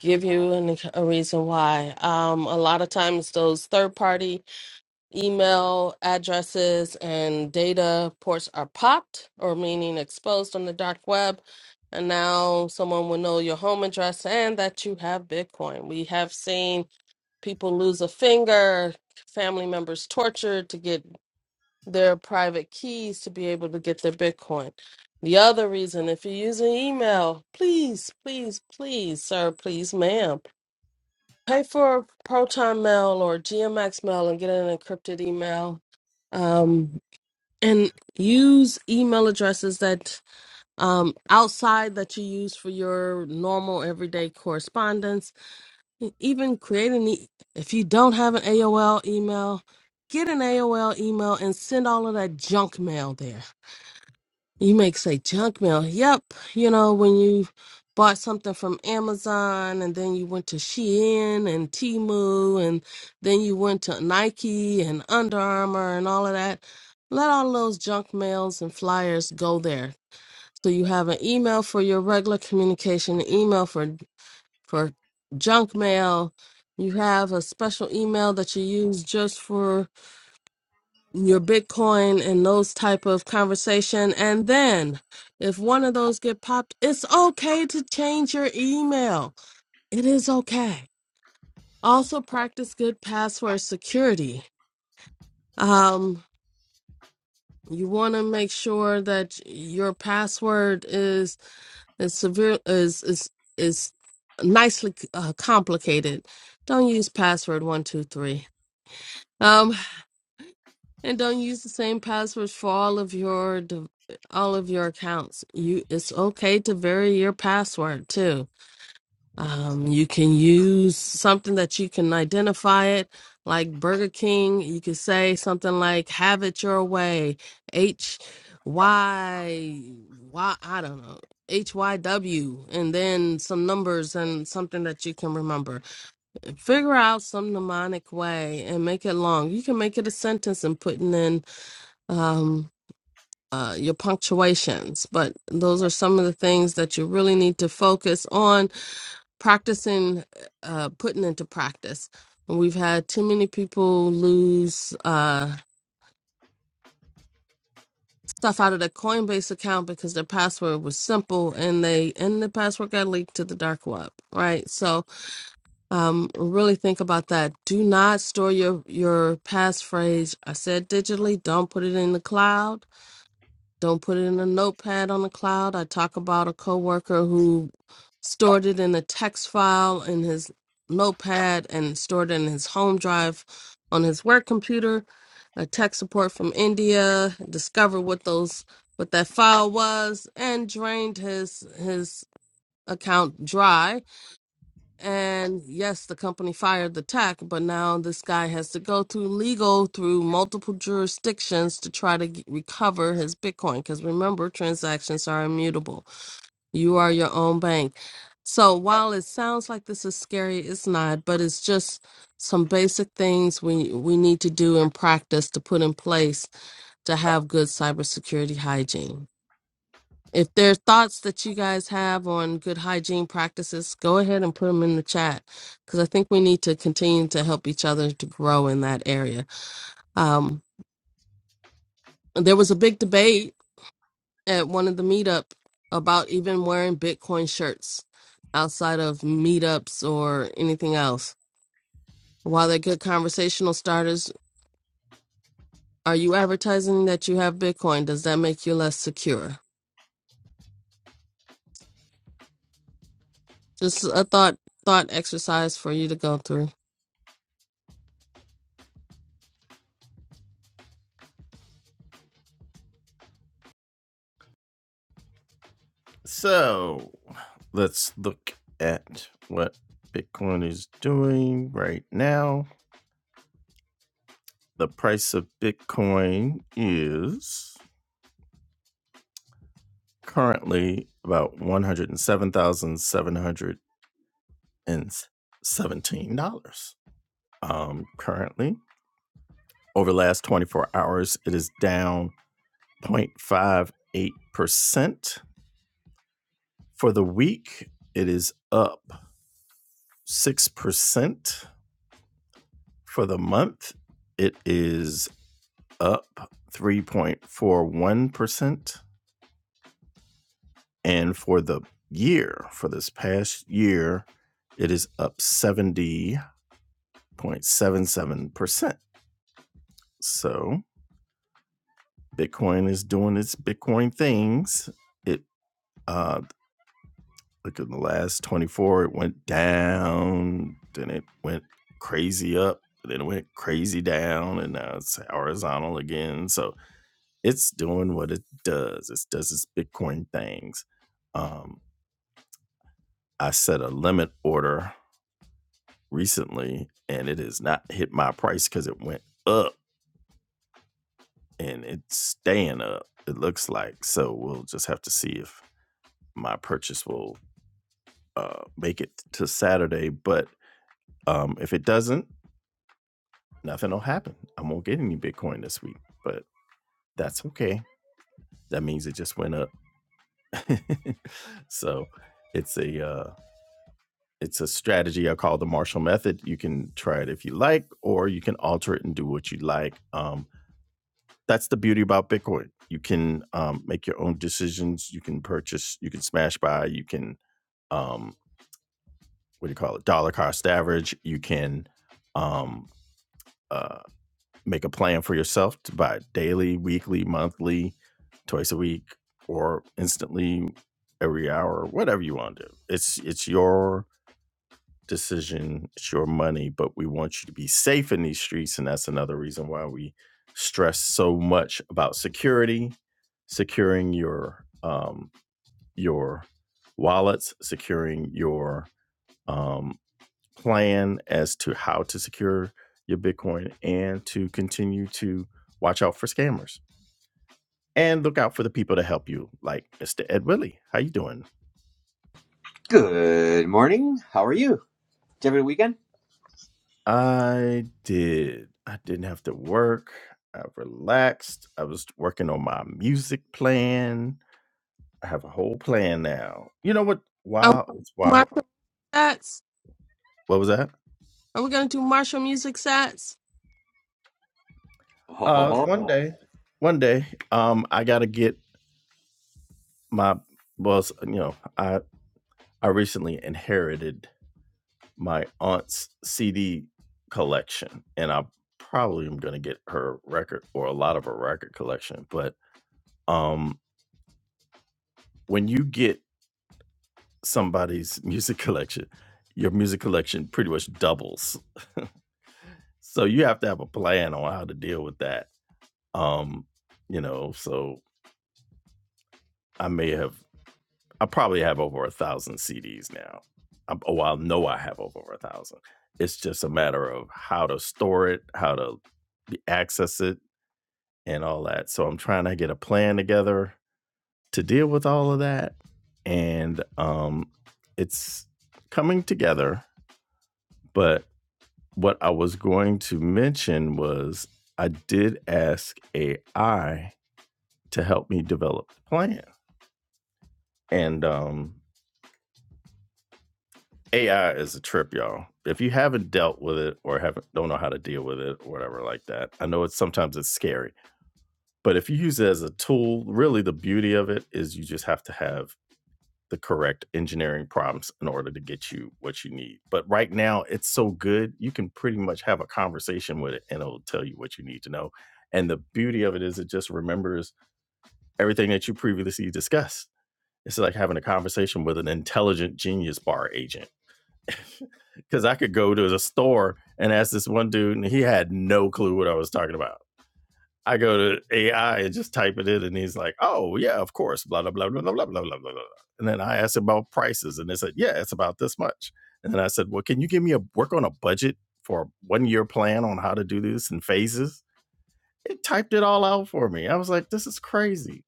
Give you an, a reason why. Um, a lot of times, those third party email addresses and data ports are popped, or meaning exposed on the dark web. And now someone will know your home address and that you have Bitcoin. We have seen people lose a finger, family members tortured to get their private keys to be able to get their Bitcoin. The other reason, if you're using email, please, please, please, sir, please, ma'am, pay for Proton Mail or GMX Mail and get an encrypted email. Um, and use email addresses that um, outside that you use for your normal everyday correspondence. E, Even create an e- if you don't have an AOL email, get an AOL email and send all of that junk mail there you may say junk mail. Yep. You know, when you bought something from Amazon and then you went to Shein and Temu and then you went to Nike and Under Armour and all of that, let all those junk mails and flyers go there. So you have an email for your regular communication, an email for for junk mail. You have a special email that you use just for your bitcoin and those type of conversation and then if one of those get popped it's okay to change your email it is okay also practice good password security um you want to make sure that your password is is severe is is is nicely uh, complicated don't use password 123 And don't use the same passwords for all of your d- all of your accounts. You it's okay to vary your password too. Um, you can use something that you can identify it, like Burger King. You could say something like "Have it your way," H Y Y. I don't know. H Y W and then some numbers and something that you can remember. Figure out some mnemonic way and make it long. You can make it a sentence and putting in um, uh, your punctuations. But those are some of the things that you really need to focus on practicing, uh, putting into practice. And We've had too many people lose uh, stuff out of their Coinbase account because their password was simple and they and the password got leaked to the dark web, right? So um, really think about that. Do not store your your passphrase. I said digitally. Don't put it in the cloud Don't put it in a notepad on the cloud. I talk about a coworker who stored it in a text file in his notepad and stored it in his home drive on his work computer. A tech support from India discovered what those what that file was and drained his his account dry and yes, the company fired the tech, but now this guy has to go through legal through multiple jurisdictions to try to g recover his Bitcoin. Because remember, transactions are immutable. You are your own bank. So while it sounds like this is scary, it's not. But it's just some basic things we we need to do in practice to put in place to have good cybersecurity hygiene. If there are thoughts that you guys have on good hygiene practices, go ahead and put them in the chat because I think we need to continue to help each other to grow in that area. Um, there was a big debate at one of the meetup about even wearing Bitcoin shirts outside of meetups or anything else. While they're good conversational starters, are you advertising that you have Bitcoin? Does that make you less secure? Just a thought thought exercise for you to go through.
so let's look at what Bitcoin is doing right now. The price of Bitcoin is currently about one hundred and seven thousand seven hundred and seventeen dollars. Um, currently, over the last twenty four hours, it is down 058 percent. For the week, it is up six percent For the month, it is up 3.41%. And for the year, for this past year, it is up 70.77%. So Bitcoin is doing its Bitcoin things. It, uh, look at the last 24, it went down, then it went crazy up, then it went crazy down, and now it's horizontal again. So it's doing what it does. It does its Bitcoin things. Um, I set a limit order recently, and it has not hit my price because it went up and it's staying up. It looks like so. We'll just have to see if my purchase will uh, make it to Saturday. But um, if it doesn't, nothing will happen. I won't get any Bitcoin this week, but that's okay. That means it just went up. so it's a uh, It's a strategy I call the Marshall Method. You can try it if you like, or you can alter it and do what you like. Um, that's the beauty about Bitcoin. You can um, make your own decisions. You can purchase. You can smash buy. You can um, what do you call it? Dollar cost average. You can um, uh, make a plan for yourself to buy daily, weekly, monthly, twice a week, or instantly every hour, whatever you want to do. It's it's your decision. It's your money, but we want you to be safe in these streets. And that's another reason why we stress so much about security, securing your um, your wallets, securing your um, plan as to how to secure your Bitcoin, and to continue to watch out for scammers and look out for the people to help you, like Mr. Ed Willie. How you doing?
Good morning. How are you? Did you have a good weekend?
I did. I didn't have to work. I relaxed. I was working on my music plan. I have a whole plan now. You know what?
Are
Wow, it's
we-
wow.
Mark, stats?
What was that?
Are we gonna do martial music sets?
Ho
Uh,
ho
one
ho.
day, one day, um, I gotta get my well, s- you know, I I recently inherited my aunt's CD collection, and I probably am gonna get her record or a lot of her record collection. But um, when you get somebody's music collection, your music collection pretty much doubles. So you have to have a plan on how to deal with that. Um, you know, so I may have, I probably have over a thousand CDs now. i oh, I know I have over a thousand. It's just a matter of how to store it, how to access it, and all that. So I'm trying to get a plan together to deal with all of that, and um, it's coming together. But What I was going to mention was I did ask AI to help me develop the plan. And um, AI is a trip, y'all. If you haven't dealt with it or haven't don't know how to deal with it or whatever like that, I know it's sometimes it's scary. But if you use it as a tool, really the beauty of it is you just have to have the correct engineering prompts in order to get you what you need. But right now, it's so good, you can pretty much have a conversation with it and it'll tell you what you need to know. And the beauty of it is, it just remembers everything that you previously discussed. It's like having a conversation with an intelligent genius bar agent. Because I could go to the store and ask this one dude, and he had no clue what I was talking about I go to AI and just type it in, and he's like, "Oh yeah, of course." Blah blah blah blah blah blah blah blah. blah. And then I asked about prices, and they said, "Yeah, it's about this much." And then I said, "Well, can you give me a work on a budget for a one year plan on how to do this in phases?" It typed it all out for me. I was like, "This is crazy."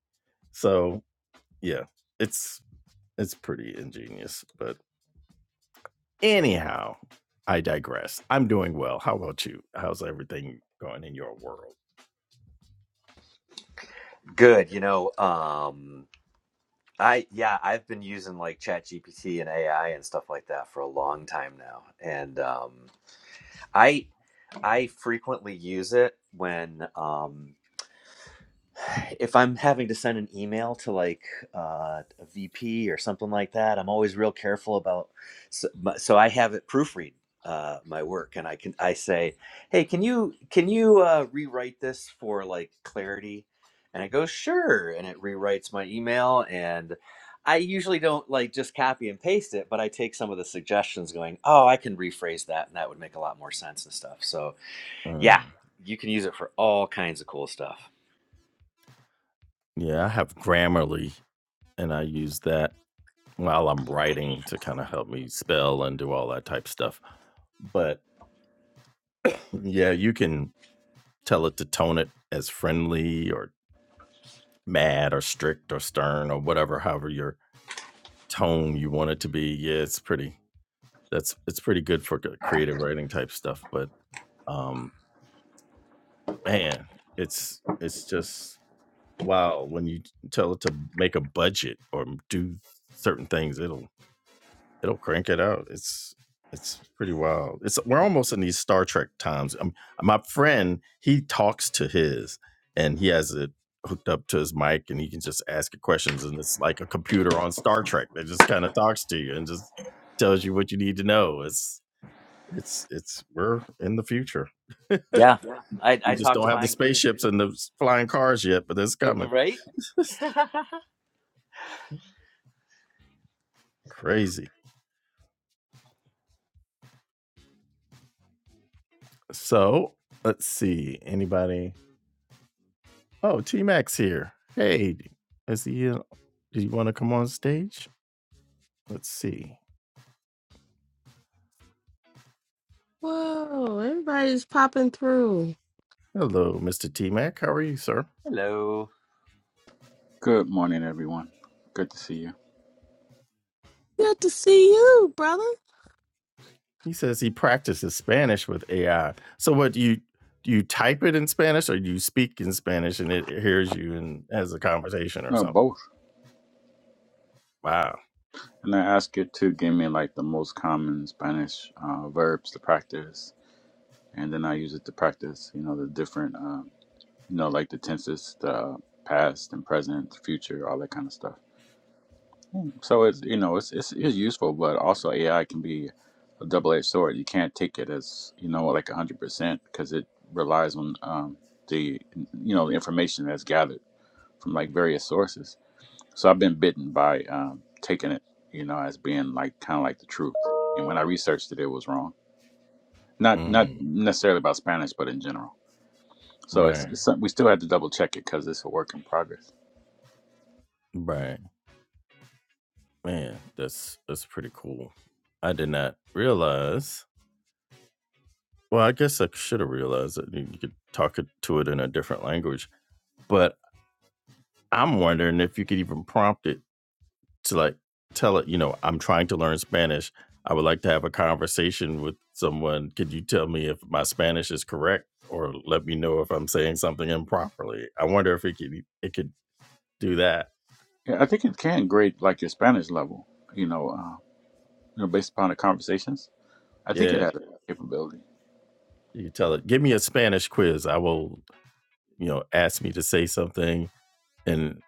So yeah, it's it's pretty ingenious. But anyhow, I digress. I'm doing well. How about you? How's everything going in your world?
Good. You know, um, I yeah, I've been using like Chat GPT and AI and stuff like that for a long time now, and um, I I frequently use it when um, if I'm having to send an email to like uh, a VP or something like that, I'm always real careful about. So, so I have it proofread uh, my work, and I can I say, "Hey, can you can you uh, rewrite this for like clarity?" And it goes, "Sure," and it rewrites my email. And I usually don't like just copy and paste it, but I take some of the suggestions, going, "Oh, I can rephrase that, and that would make a lot more sense and stuff." So yeah,
Mm.
you can use it for all kinds of cool stuff.
Yeah, I have Grammarly and I use that while I'm writing to kind of help me spell and do all that type stuff. But yeah, you can tell it to tone it as friendly or mad or strict or stern or whatever, however your tone you want it to be. Yeah, it's pretty. That's it's pretty good for c- creative writing type stuff. But um, man, it's it's just wow when you tell it to make a budget or do certain things, it'll it'll crank it out. It's it's pretty wild. It's we're almost in these Star Trek times. Um, my friend he talks to his, and he has it hooked up to his mic, and he can just ask it questions, and it's like a computer on Star Trek that just kind of talks to you and just tells you what you need to know. It's it's it's we're in the future.
Yeah, I
We
I
just
talked to
don't have the
mine too.
spaceships and the flying cars yet, but it's
Uh,
coming.
Right?
Crazy. So let's see. Anybody? Oh, T Max here. Hey, is he? Uh, do you want to come on stage? Let's see.
Whoa, everybody's popping through.
Hello, Mr. T Mac. How are you, sir?
Hello.
Good morning, everyone. Good to see you.
Good to see you, brother.
He says he practices Spanish with AI. So, what do you do you type it in Spanish, or you speak in Spanish and it hears you and has a conversation or
Uh,
something?
both.
Wow.
And I ask you to give me like the most common Spanish uh, verbs to practice, and then I use it to practice. You know the different, uh, you know, like the tenses, the past and present, future, all that kind of stuff. Hmm. So it's you know it's it's, it's useful, but also AI can be a double-edged sword. You can't take it as you know like hundred percent because it relies on um, the you know the information that's gathered from like various sources. So I've been bitten by um, taking it, you know, as being like kind of like the truth. And when I researched it, it was wrong. Not not
Mm,
necessarily about Spanish, but in general. So it's,
right.
it's some- we still had to double check it because it's a work in progress.
Right. Man, that's that's pretty cool. I did not realize. Well, I guess I should have realized that you could talk it- to it in a different language, but I'm wondering if you could even prompt it to like tell it, you know, I'm trying to learn Spanish. I would like to have a conversation with someone. Could you tell me if my Spanish is correct or let me know if I'm saying something improperly? I wonder if it could it could do that.
Yeah, I think it can grade like your Spanish level, you know, uh, you know, based upon the conversations. I think it
Yeah.
has that capability.
You tell it, give me a Spanish quiz. I will, you know, ask me to say something and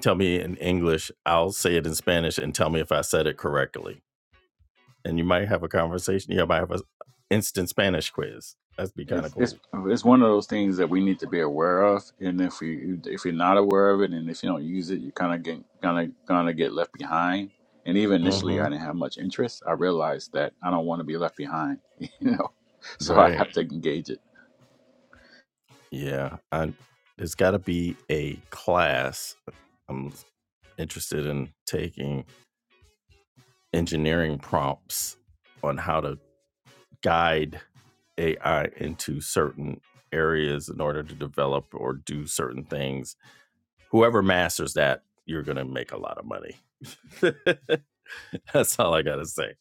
tell me in English. I'll say it in Spanish and tell me if I said it correctly. And you might have a conversation. You might have an instant Spanish quiz. That'd be kind of
it's
cool.
it's it's one of those things that we need to be aware of and if we if you're not aware of it and if you don't use it you kind of get kind of gonna get left behind and even initially
hmm
i didn't have much interest i realized that i don't want to be left behind you know so i
Right.
have to engage it
Yeah. I it's gotta be a class. I'm interested in taking engineering prompts on how to guide AI into certain areas in order to develop or do certain things. Whoever masters that, you're gonna make a lot of money. That's all I gotta say.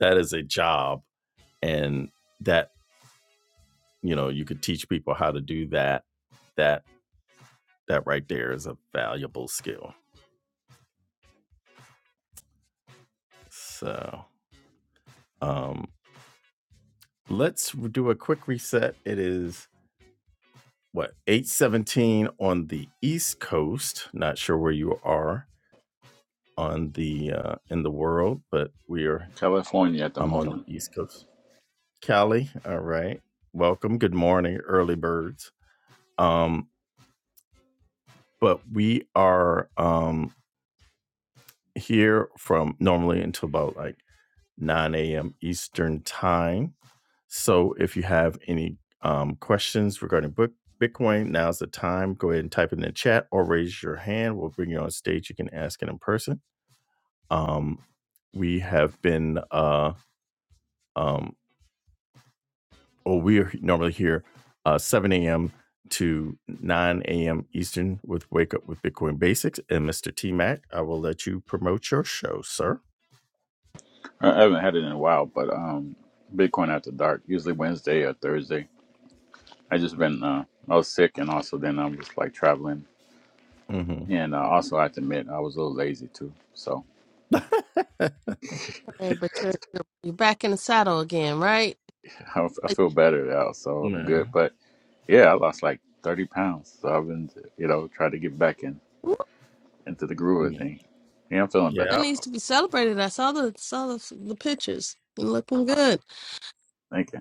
That is a job and that, you know, you could teach people how to do that. That that right there is a valuable skill. So um, let's do a quick reset. It is what 817 on the east coast not sure where you are on the uh in the world but we are
california at the
i'm on the
moment
east coast cali all right welcome good morning early birds um but we are um here from normally until about like 9 a.m eastern time So if you have any um, questions regarding book Bitcoin, now's the time. Go ahead and type it in the chat or raise your hand. We'll bring you on stage. You can ask it in person. Um, we have been, uh, um, well, we are normally here uh, 7 a.m. to 9 a.m. Eastern with Wake Up with Bitcoin Basics. And Mr. T Mac, I will let you promote your show, sir.
i I haven't had it in a while but um bitcoin after dark usually wednesday or thursday i just been uh i was sick and also then i was like traveling
Mm-hmm.
and uh, also i have to admit i was a little lazy too so
Hey, but you're you're, you're back in the saddle again, right?
I, I
Like,
feel better now, so I'm
Yeah.
good. But yeah, I lost like 30 pounds, so I've been, you know, trying to get back in
woo,
into the groove of
Yeah.
things. Yeah, I'm feeling
That
better.
needs
Yep.
to be celebrated. I saw the saw the, the pictures. You're looking good.
Thank you.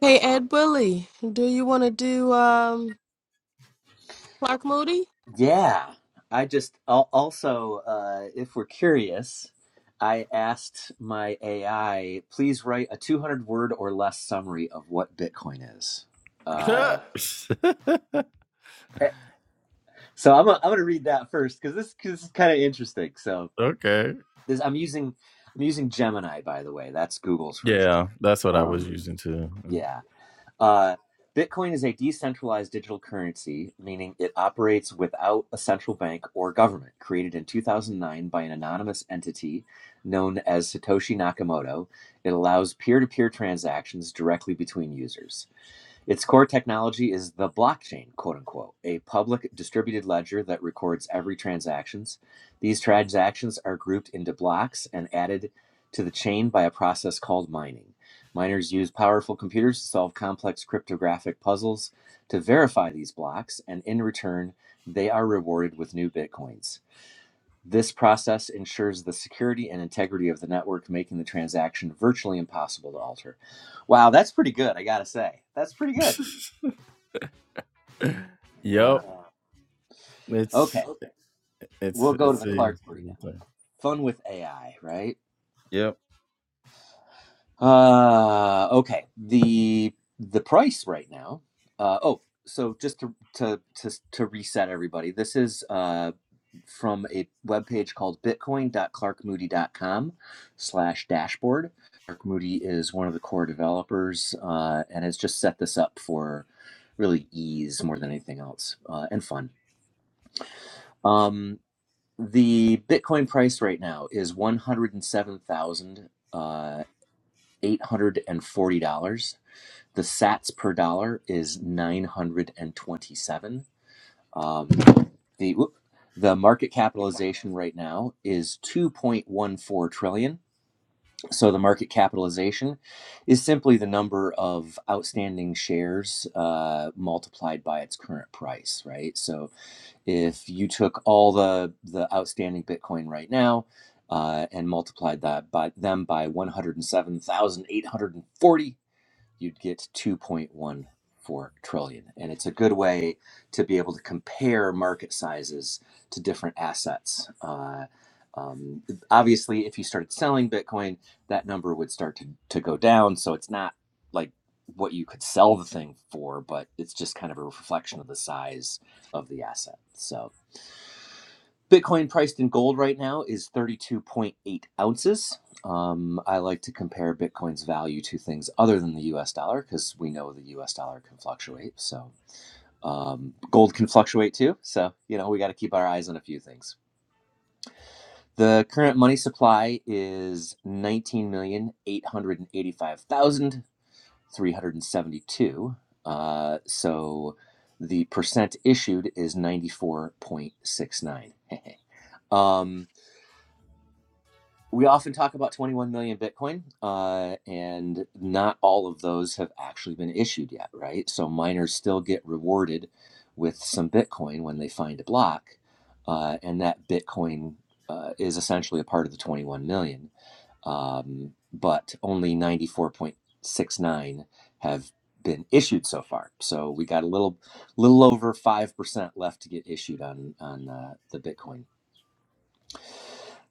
Hey, Ed Willie, do you want to do um Clark Moody?
Yeah, I just al- also, uh, if we're curious, I asked my AI, please write a 200 word or less summary of what Bitcoin is. Uh, eh, so I'm gonna- I'm gonna read that first because this, 'cause this is kind of interesting. So
okay.
this I'm using I'm using Gemini by the way. That's Google's version.
Yeah, that's what I was
Um,
using too. Mm-hmm.
yeah. Uh, Bitcoin is a decentralized digital currency, meaning it operates without a central bank or government, created in 2009 by an anonymous entity known as Satoshi Nakamoto. It allows peer to peer transactions directly between users. Its core technology is the blockchain, quote unquote, a public distributed ledger that records every transactions. These transactions are grouped into blocks and added to the chain by a process called mining. Miners use powerful computers to solve complex cryptographic puzzles to verify these blocks, and in return, they are rewarded with new bitcoins. This process ensures the security and integrity of the network, making the transaction virtually impossible to alter. Wow, that's pretty good, I gotta say. That's pretty good.
Yep. Uh,
Uh,
It's
okay,
okay, it's
we'll
it's
go to the Clark
a
Moody now. Fun with AI, right?
Yep.
Uh, okay. The the price right now. Uh, oh, so just to to to to reset everybody, this is uh, from a webpage called bitcoin.clarkmoody.com slash dashboard. Clark Moody is one of the core developers uh, and has just set this up for really ease more than anything else uh, and fun. Um, The Bitcoin price right now is one hundred and seven thousand uh, eight hundred and forty dollars. The Sats per dollar is nine hundred and twenty-seven. Um, the whoop, the market capitalization right now is two point one four trillion. So the market capitalization is simply the number of outstanding shares uh, multiplied by its current price, right? So if you took all the the outstanding Bitcoin right now uh, and multiplied that by them by 107,840, you'd get 2.14 trillion. dollars. And it's a good way to be able to compare market sizes to different assets. Uh, um, obviously, if you started selling Bitcoin, that number would start to, to go down. So it's not like what you could sell the thing for, but it's just kind of a reflection of the size of the asset. So Bitcoin priced in gold right now is 32.8 ounces. Um, I like to compare Bitcoin's value to things other than the US dollar because we know the US dollar can fluctuate. So, um, gold can fluctuate too. So, you know, we got to keep our eyes on a few things. The current money supply is 19,885,372. Uh, so, the percent issued is 94.69. um, we often talk about 21 million Bitcoin, uh, and not all of those have actually been issued yet, right? So miners still get rewarded with some Bitcoin when they find a block, uh, and that Bitcoin uh, is essentially a part of the 21 million. Um, but only 94.69 have been issued so far. So we got a little, little over five percent left to get issued on on uh, the Bitcoin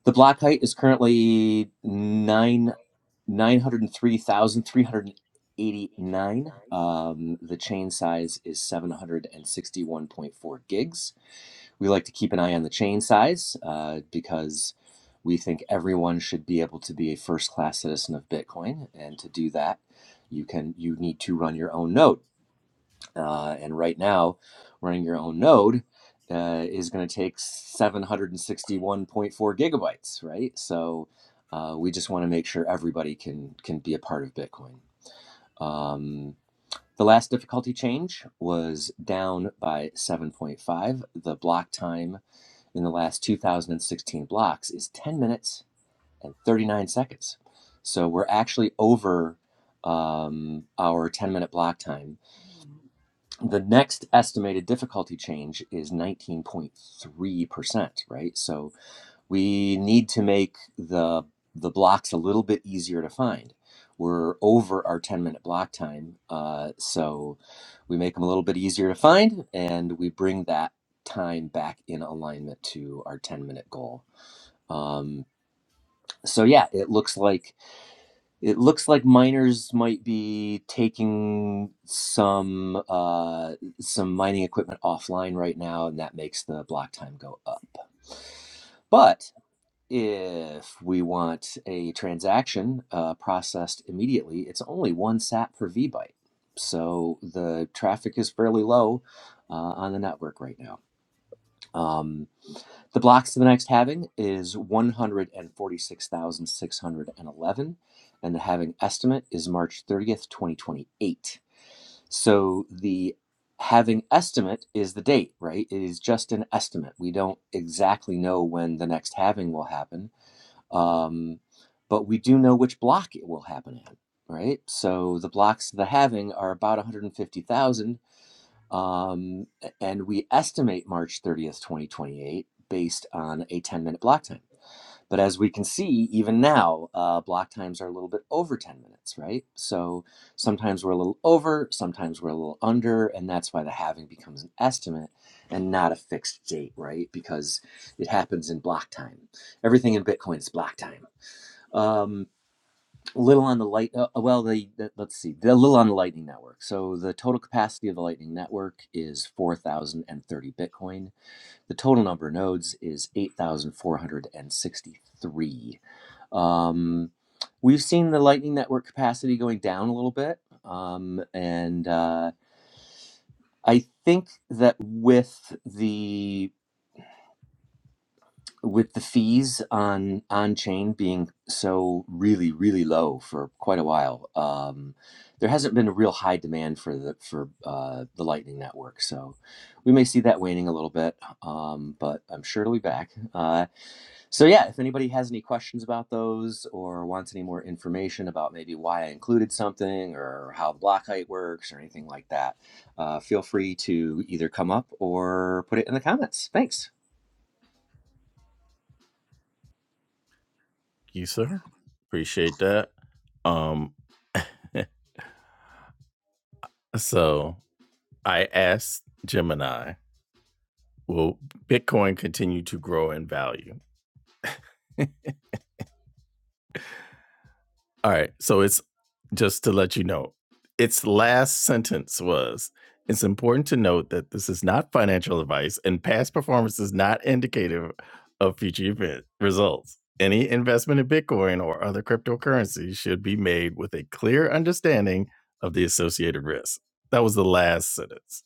the black height is currently nine nine hundred and three thousand three hundred and eighty nine. Um, the chain size is seven hundred and sixty one point four gigs. We like to keep an eye on the chain size uh, because we think everyone should be able to be a first class citizen of Bitcoin, and to do that, you can you need to run your own node. Uh, and right now, running your own node uh, is going to take 761.4 gigabytes, right? So uh, we just want to make sure everybody can can be a part of Bitcoin. Um, the last difficulty change was down by 7.5. The block time in the last 2016 blocks is 10 minutes and 39 seconds. So we're actually over um, our 10 minute block time the next estimated difficulty change is 19.3%, right? So we need to make the the blocks a little bit easier to find. We're over our 10 minute block time, uh, so we make them a little bit easier to find, and we bring that time back in alignment to our 10 minute goal. Um, so yeah, it looks like it looks like miners might be taking some uh, some mining equipment offline right now, and that makes the block time go up. But if we want a transaction uh, processed immediately, it's only one sat per V byte. So the traffic is fairly low uh, on the network right now. Um, the blocks to the next halving is 146,611, and the halving estimate is March 30th, 2028. So the halving estimate is the date, right? It is just an estimate. We don't exactly know when the next halving will happen, um, but we do know which block it will happen at, right? So the blocks to the halving are about 150,000, um, and we estimate March 30th, 2028, based on a 10 minute block time. But as we can see, even now, uh, block times are a little bit over 10 minutes, right? So sometimes we're a little over, sometimes we're a little under, and that's why the halving becomes an estimate and not a fixed date, right? Because it happens in block time. Everything in Bitcoin is block time. Um, little on the light uh, uh, well the, the let's see the little on the lightning network so the total capacity of the lightning network is 4030 bitcoin the total number of nodes is 8463 um, we've seen the lightning network capacity going down a little bit um, and uh, i think that with the with the fees on on chain being so really really low for quite a while um there hasn't been a real high demand for the for uh the lightning network so we may see that waning a little bit um but i'm sure it'll be back uh so yeah if anybody has any questions about those or wants any more information about maybe why i included something or how the block height works or anything like that uh, feel free to either come up or put it in the comments thanks
You sir. Appreciate that. Um so I asked Gemini, will Bitcoin continue to grow in value? All right. So it's just to let you know, its last sentence was it's important to note that this is not financial advice and past performance is not indicative of future event results. Any investment in Bitcoin or other cryptocurrencies should be made with a clear understanding of the associated risks. That was the last sentence.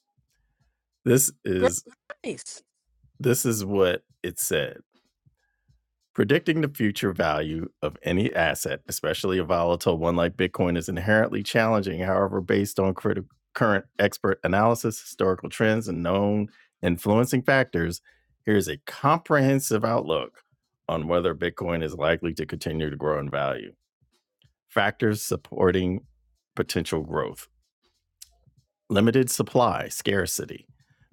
This is
Grace,
this is what it said. Predicting the future value of any asset, especially a volatile one like Bitcoin, is inherently challenging. However, based on criti- current expert analysis, historical trends, and known influencing factors, here's a comprehensive outlook on whether Bitcoin is likely to continue to grow in value, factors supporting potential growth limited supply, scarcity.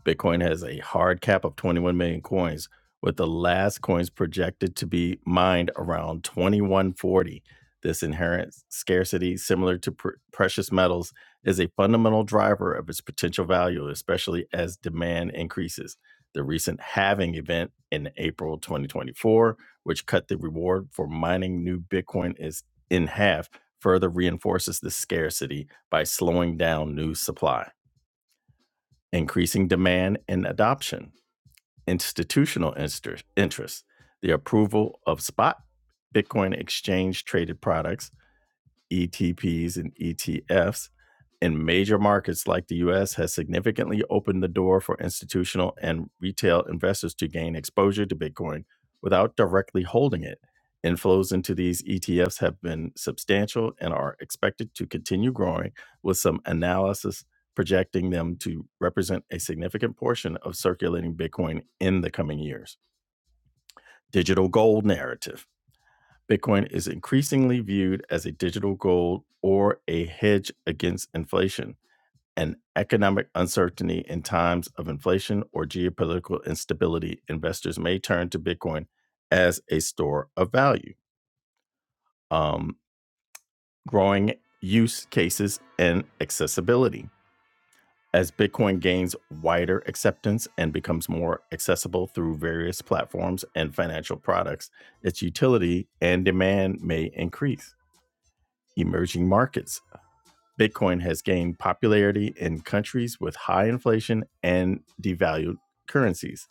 Bitcoin has a hard cap of 21 million coins, with the last coins projected to be mined around 2140. This inherent scarcity, similar to pr- precious metals, is a fundamental driver of its potential value, especially as demand increases. The recent halving event in April 2024, which cut the reward for mining new Bitcoin is in half, further reinforces the scarcity by slowing down new supply, increasing demand and adoption, institutional interest, the approval of spot Bitcoin exchange traded products ETPs and ETFs in major markets like the US has significantly opened the door for institutional and retail investors to gain exposure to Bitcoin without directly holding it. Inflows into these ETFs have been substantial and are expected to continue growing, with some analysis projecting them to represent a significant portion of circulating Bitcoin in the coming years. Digital gold narrative. Bitcoin is increasingly viewed as a digital gold or a hedge against inflation and economic uncertainty in times of inflation or geopolitical instability. Investors may turn to Bitcoin as a store of value. Um, growing use cases and accessibility. As Bitcoin gains wider acceptance and becomes more accessible through various platforms and financial products, its utility and demand may increase. Emerging markets Bitcoin has gained popularity in countries with high inflation and devalued currencies.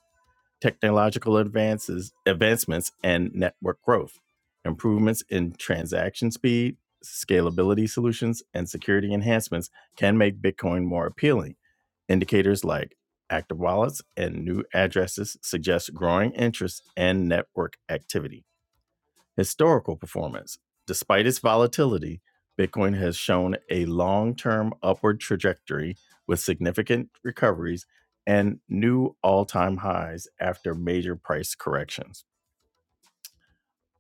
Technological advances, advancements, and network growth, improvements in transaction speed, scalability solutions, and security enhancements can make Bitcoin more appealing. Indicators like active wallets and new addresses suggest growing interest and network activity historical performance. Despite its volatility, Bitcoin has shown a long term upward trajectory with significant recoveries and new all time highs after major price corrections.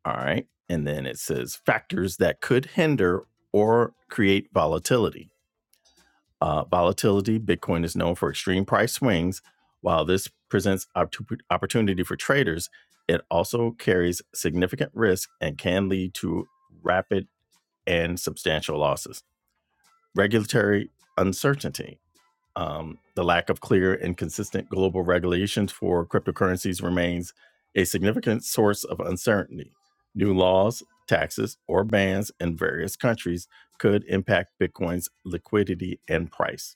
All right. And then it says factors that could hinder or create volatility. Uh, volatility, Bitcoin is known for extreme price swings. While this presents optu- opportunity for traders, it also carries significant risk and can lead to rapid and substantial losses. Regulatory uncertainty. Um, the lack of clear and consistent global regulations for cryptocurrencies remains a significant source of uncertainty. New laws, taxes, or bans in various countries could impact Bitcoin's liquidity and price.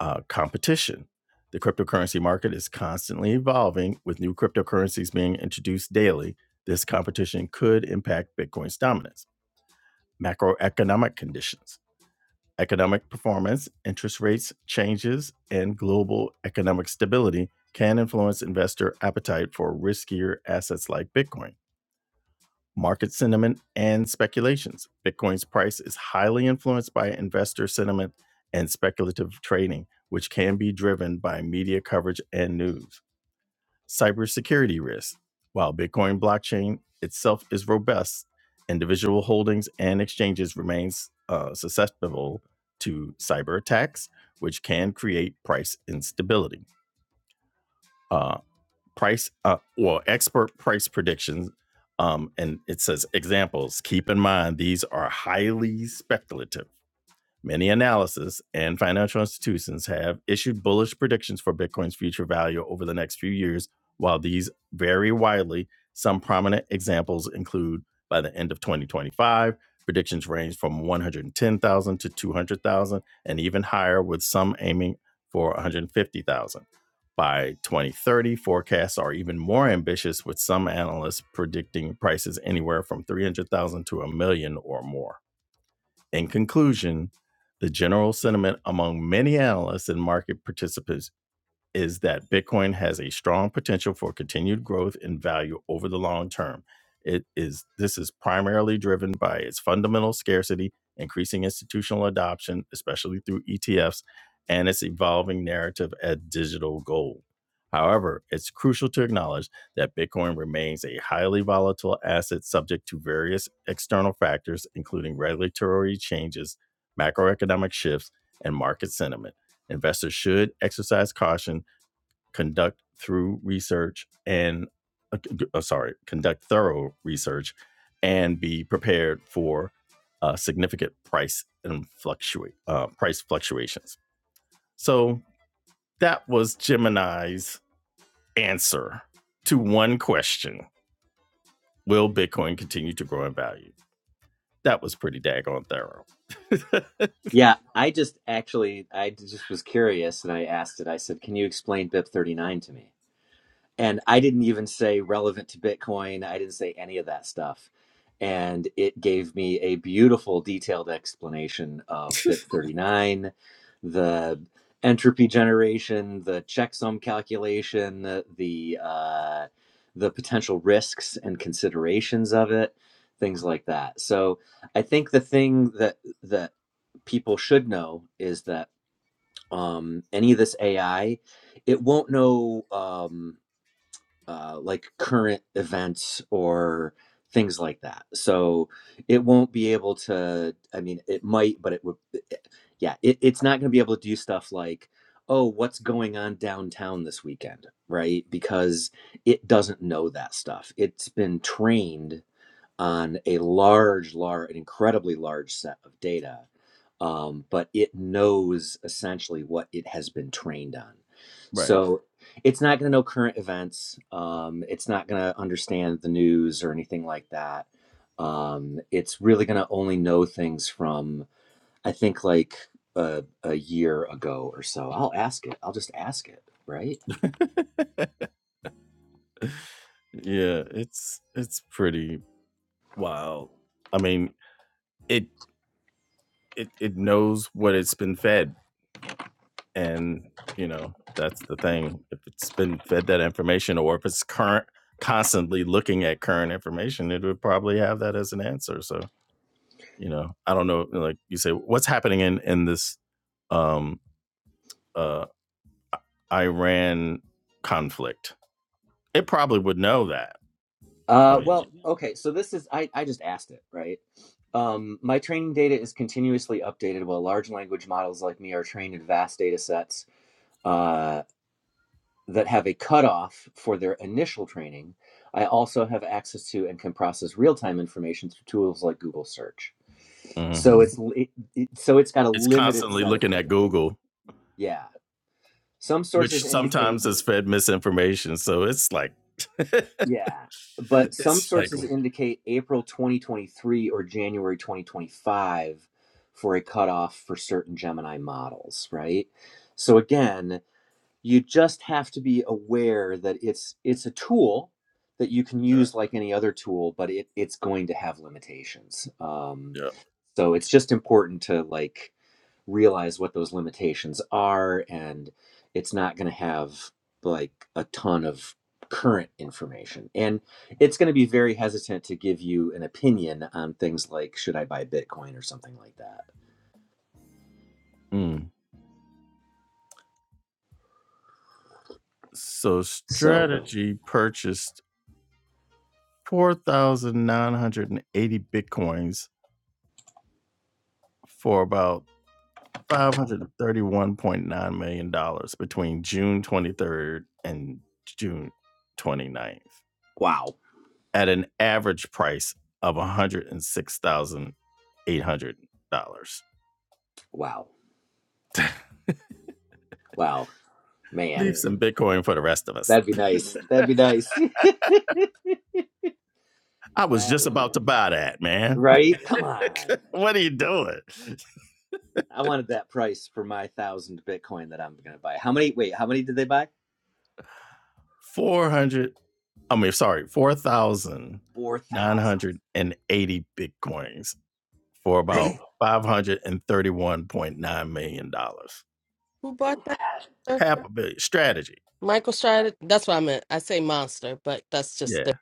Uh, competition. The cryptocurrency market is constantly evolving, with new cryptocurrencies being introduced daily. This competition could impact Bitcoin's dominance. Macroeconomic conditions Economic performance, interest rates changes, and global economic stability can influence investor appetite for riskier assets like Bitcoin. Market sentiment and speculations. Bitcoin's price is highly influenced by investor sentiment and speculative trading, which can be driven by media coverage and news cybersecurity risks. While Bitcoin blockchain itself is robust, individual holdings and exchanges remains uh, susceptible to cyber attacks, which can create price instability. Uh, price, uh, well, expert price predictions, um, and it says examples. Keep in mind these are highly speculative Many analysis and financial institutions have issued bullish predictions for Bitcoin's future value over the next few years. While these vary widely, some prominent examples include by the end of 2025, predictions range from 110,000 to 200,000 and even higher with some aiming for 150,000. By 2030, forecasts are even more ambitious with some analysts predicting prices anywhere from 300,000 to a million or more. In conclusion, the general sentiment among many analysts and market participants is that Bitcoin has a strong potential for continued growth in value over the long term. It is this is primarily driven by its fundamental scarcity, increasing institutional adoption, especially through ETFs, and its evolving narrative as digital gold. However, it's crucial to acknowledge that Bitcoin remains a highly volatile asset subject to various external factors, including regulatory changes, macroeconomic shifts, and market sentiment. Investors should exercise caution conduct through research and uh, uh, sorry, conduct thorough research and be prepared for uh, significant price and fluctuate uh, price fluctuations. So that was Gemini's answer to one question: Will Bitcoin continue to grow in value? That was pretty daggone thorough.
Yeah, I just actually I just was curious and I asked it. I said, "Can you explain BIP 39 to me?" and I didn't even say relevant to Bitcoin. I didn't say any of that stuff. And it gave me a beautiful, detailed explanation of BIP39, the entropy generation, the checksum calculation, the uh, the potential risks and considerations of it, things like that. So I think the thing that that people should know is that um, any of this AI, it won't know. Um, uh, like current events or things like that. So it won't be able to. I mean, it might, but it would. it- yeah, it, it's not going to be able to do stuff like, oh, what's going on downtown this weekend, right? Because it doesn't know that stuff. It's been trained on a large, large, an incredibly large set of data, um, but it knows essentially what it has been trained on.
Right.
So it's not going to know current events. Um, it's not going to understand the news or anything like that. Um, it's really going to only know things from, I think, like a, a year ago or so. I'll ask it. I'll just ask it, right?
Yeah, it's it's pretty wild. I mean, it it it knows what it's been fed and you know that's the thing if it's been fed that information or if it's current constantly looking at current information it would probably have that as an answer so you know i don't know like you say what's happening in in this um uh iran conflict it probably would know that i
Uh,
mean
well, okay, so this is I, I just asked it, right? Um, my training data is continuously updated while large language models like me are trained in vast data sets uh, that have a cutoff for their initial training. I also have access to and can process real-time information through tools like Google search. So it's
mhm.
li- it, it- so it's got a
it's
limited
constantly
set of
looking at
data.
google
Yeah. Some
which
sources indicate
sometimes has fed misinformation. So it's like,
Yeah, but some
it's like,
sources indicate April 2023 or January 2025 for a cutoff for certain Gemini models, right? So again, you just have to be aware that it's it's a tool that you can use like any other tool, but it, it's going to have limitations. Um,
yeah.
so it's just important to like realize what those limitations are and it's not going to have like a ton of current information and it's going to be very hesitant to give you an opinion on things like should i buy bitcoin or something like that
Mm. So
so
Strategy purchased 4,980 Bitcoins for about $531.9 million dollars between June 23rd and June twenty ninth
wow
at an average price of $106,800.
wow wow man
Leave some Bitcoin for the rest of us.
that'd be nice that'd be nice
I was
that
just
would be
about
nice
to buy that, man.
right come on
what are you doing?
i wanted that price for my thousand bitcoin that i'm going to buy how many wait how many did they buy
400, I mean, sorry,
4000
4,980 Bitcoins for about
man
$531.9 million. dollars.
who bought that?
Half a billion. Strategy.
Michael Strider. That's what I meant. I say monster, but that's just
Yeah.
the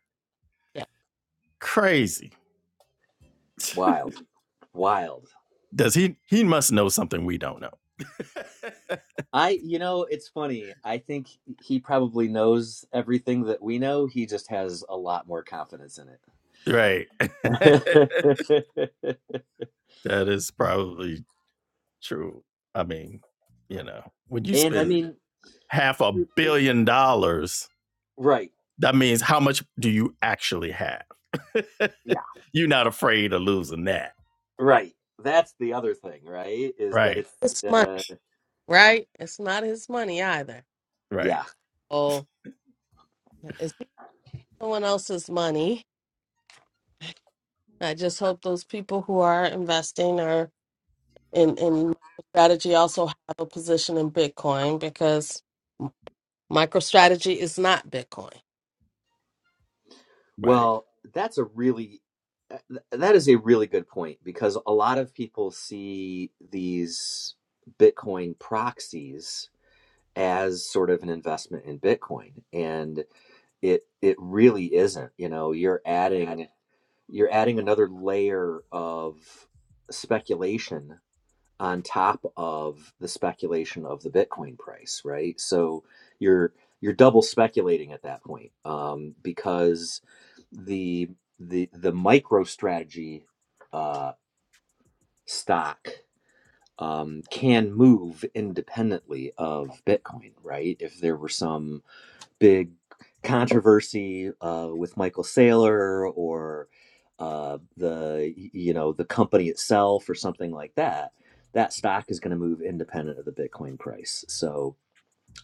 yeah.
Crazy.
wild Wild.
Does he, he must know something we don't know.
I, you know, it's funny. I think he probably knows everything that we know. He just has a lot more confidence in
Right. that
it.
is probably True. I mean, you know, when you
and I
spend
mean,
half a billion dollars,
right.
that means how much do you actually have?
Yeah.
You're not afraid of losing that.
Right. That's the other thing, right? Is that
Right.
it's,
It's money,
uh,
right? It's not his money either.
Right.
yeah.
Oh. someone else's money. I just hope those people who are investing are in in strategy also have a position in Bitcoin because MicroStrategy is not Bitcoin.
Right.
Well, that's a really, uh, th- that is a really good point because a lot of people see these Bitcoin proxies as sort of an investment in Bitcoin. and. it it really isn't you know you're adding you're adding another layer of speculation on top of the speculation of the bitcoin price right so you're you're double speculating at that point um, because the the the micro strategy uh, stock um, can move independently of bitcoin right if there were some big controversy uh, with Michael Saylor or uh, the you know the company itself or something like that, that stock is going to move independent of the Bitcoin price. So,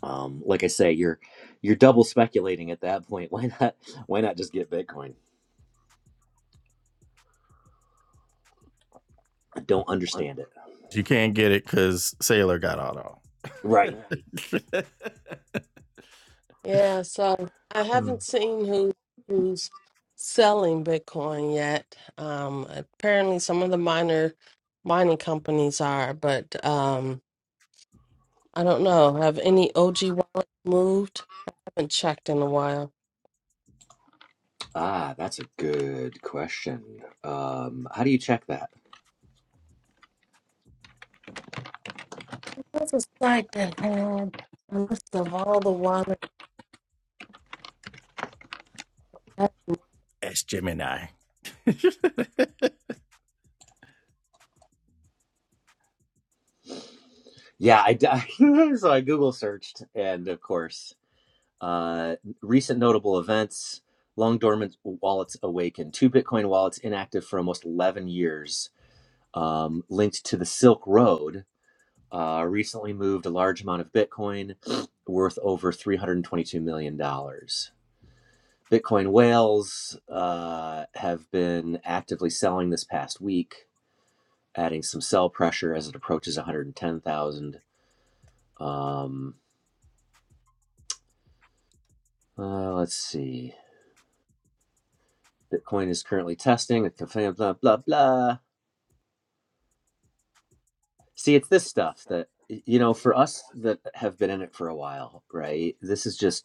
um, like I say, you're you're double speculating at that point. Why not? Why not just get Bitcoin? I don't understand it.
You can't get it because Sailor got all
Right.
that.
Yeah, so I haven't seen who who's selling Bitcoin yet. Um, apparently, some of the minor mining companies are, but um, I don't know. Have any OG wallets moved? I haven't checked in a while.
Ah, that's a good question. Um, how do you check that?
What's a site that had a list of all the water?
Ask Gemini.
Yeah, I d- so I Google searched, and of course, uh, recent notable events long dormant wallets awakened. two bitcoin wallets inactive for almost 11 years um, linked to the silk road uh, recently moved a large amount of bitcoin worth over $322 million dollars. bitcoin whales uh, have been actively selling this past week adding some sell pressure as it approaches 110000 um, uh, let's see bitcoin is currently testing blah blah blah blah See, it's this stuff that you know for us that have been in it for a while, right? This is just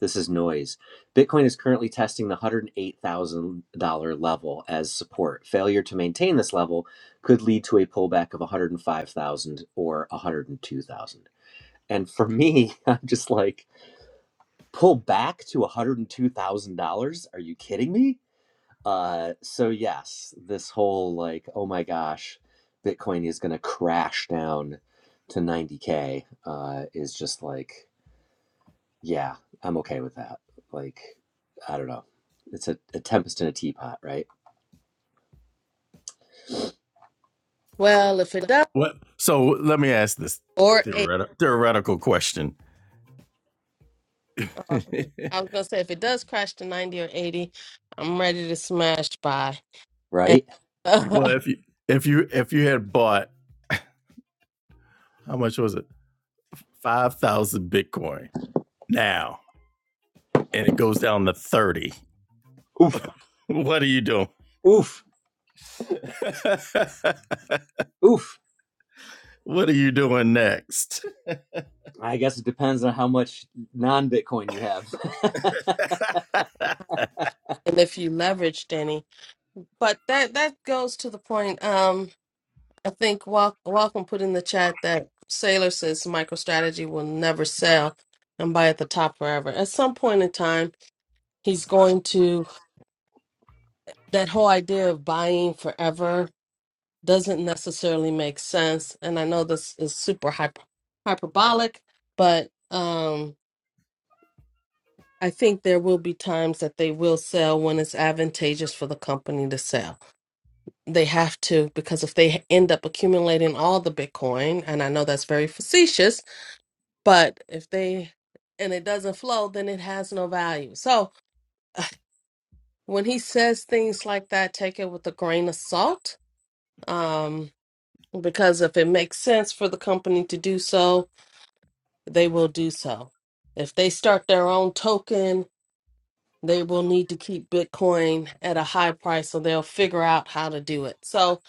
this is noise. Bitcoin is currently testing the $108,000 level as support. Failure to maintain this level could lead to a pullback of 105,000 or 102,000. And for me, I'm just like, pull back to $102,000? Are you kidding me? Uh, so yes, this whole like, oh my gosh, Bitcoin is going to crash down to 90K, uh, is just like, yeah, I'm okay with that. Like, I don't know. It's a, a tempest in a teapot, right?
Well, if it does,
What? So let me ask this
or eight.
theoretical theoretical question.
oh,
well,
I was gonna say if it does crash to ninety or eighty, I'm ready to smash by. And,
Right?
and
if you if you if you had bought how much was it? Five thousand Bitcoin now, and it goes down to thirty.
Oof,
What are you doing?
oof, oof.
what are you doing next?
I guess it depends on how much non-Bitcoin you have.
if you leveraged any, but that that goes to the point. Um, I think Wal- Welcome put in the chat that Sailor says MicroStrategy will never sell and buy at the top forever. At some point in time, he's going to that whole idea of buying forever doesn't necessarily make sense. And I know this is super hyper- hyperbolic, but um, I think there will be times that they will sell when it's advantageous for the company to sell. They have to, because if they end up accumulating all the Bitcoin, and I know that's very facetious, but if they and it doesn't flow, then it has no value. So when he says things like that, take it with a grain of salt. Um, because if it makes sense for the company to do so, they will do so. If they start their own token, they will need to keep Bitcoin at a high price, so they'll figure out how to do it. So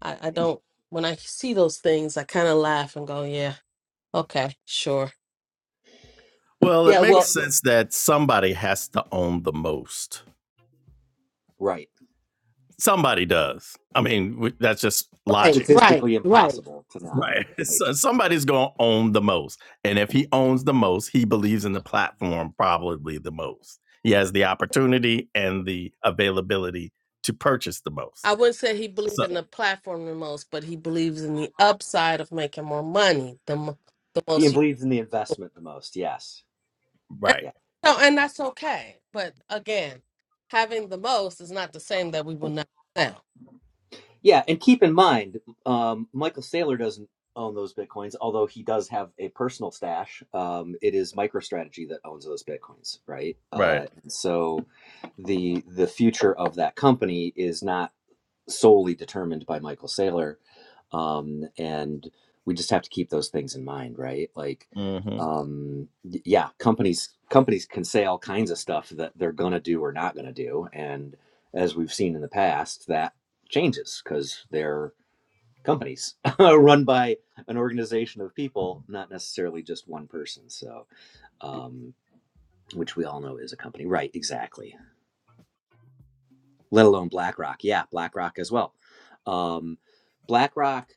I, I don't, when I see those things, I kind of laugh and go, yeah, okay, sure.
well, it
Yeah, well,
makes Yeah. sense that somebody has to own the most.
right.
Somebody does. I mean, that's just
Right,
logic.
right,
Statistically
right.
impossible to not.
Right.
Right.
So somebody's going to own the most. And if he owns the most, he believes in the platform probably the most. He has the opportunity and the availability to purchase the most.
I wouldn't say he believed
So,
in the platform the most, but he believes in the upside of making more money, the, mo- the
He
most you
believes in the investment the most. Yes.
right.
no, and that's okay. But again, having the most is not the same that we will not sell.
Yeah, and keep in mind, um, Michael Saylor doesn't own those bitcoins, although he does have a personal stash. Um, it is MicroStrategy that owns those bitcoins, right?
Right.
Uh, so the the future of that company is not solely determined by Michael Saylor. Um, and we just have to keep those things in mind, right? Like,
hmm
um, yeah, companies companies can say all kinds of stuff that they're gonna do or not gonna do, and as we've seen in the past, that changes because they're companies run by an organization of people, not necessarily just one person. So, um, which we all know is a company, right? Exactly. let alone BlackRock. Yeah, BlackRock as well. Um, BlackRock,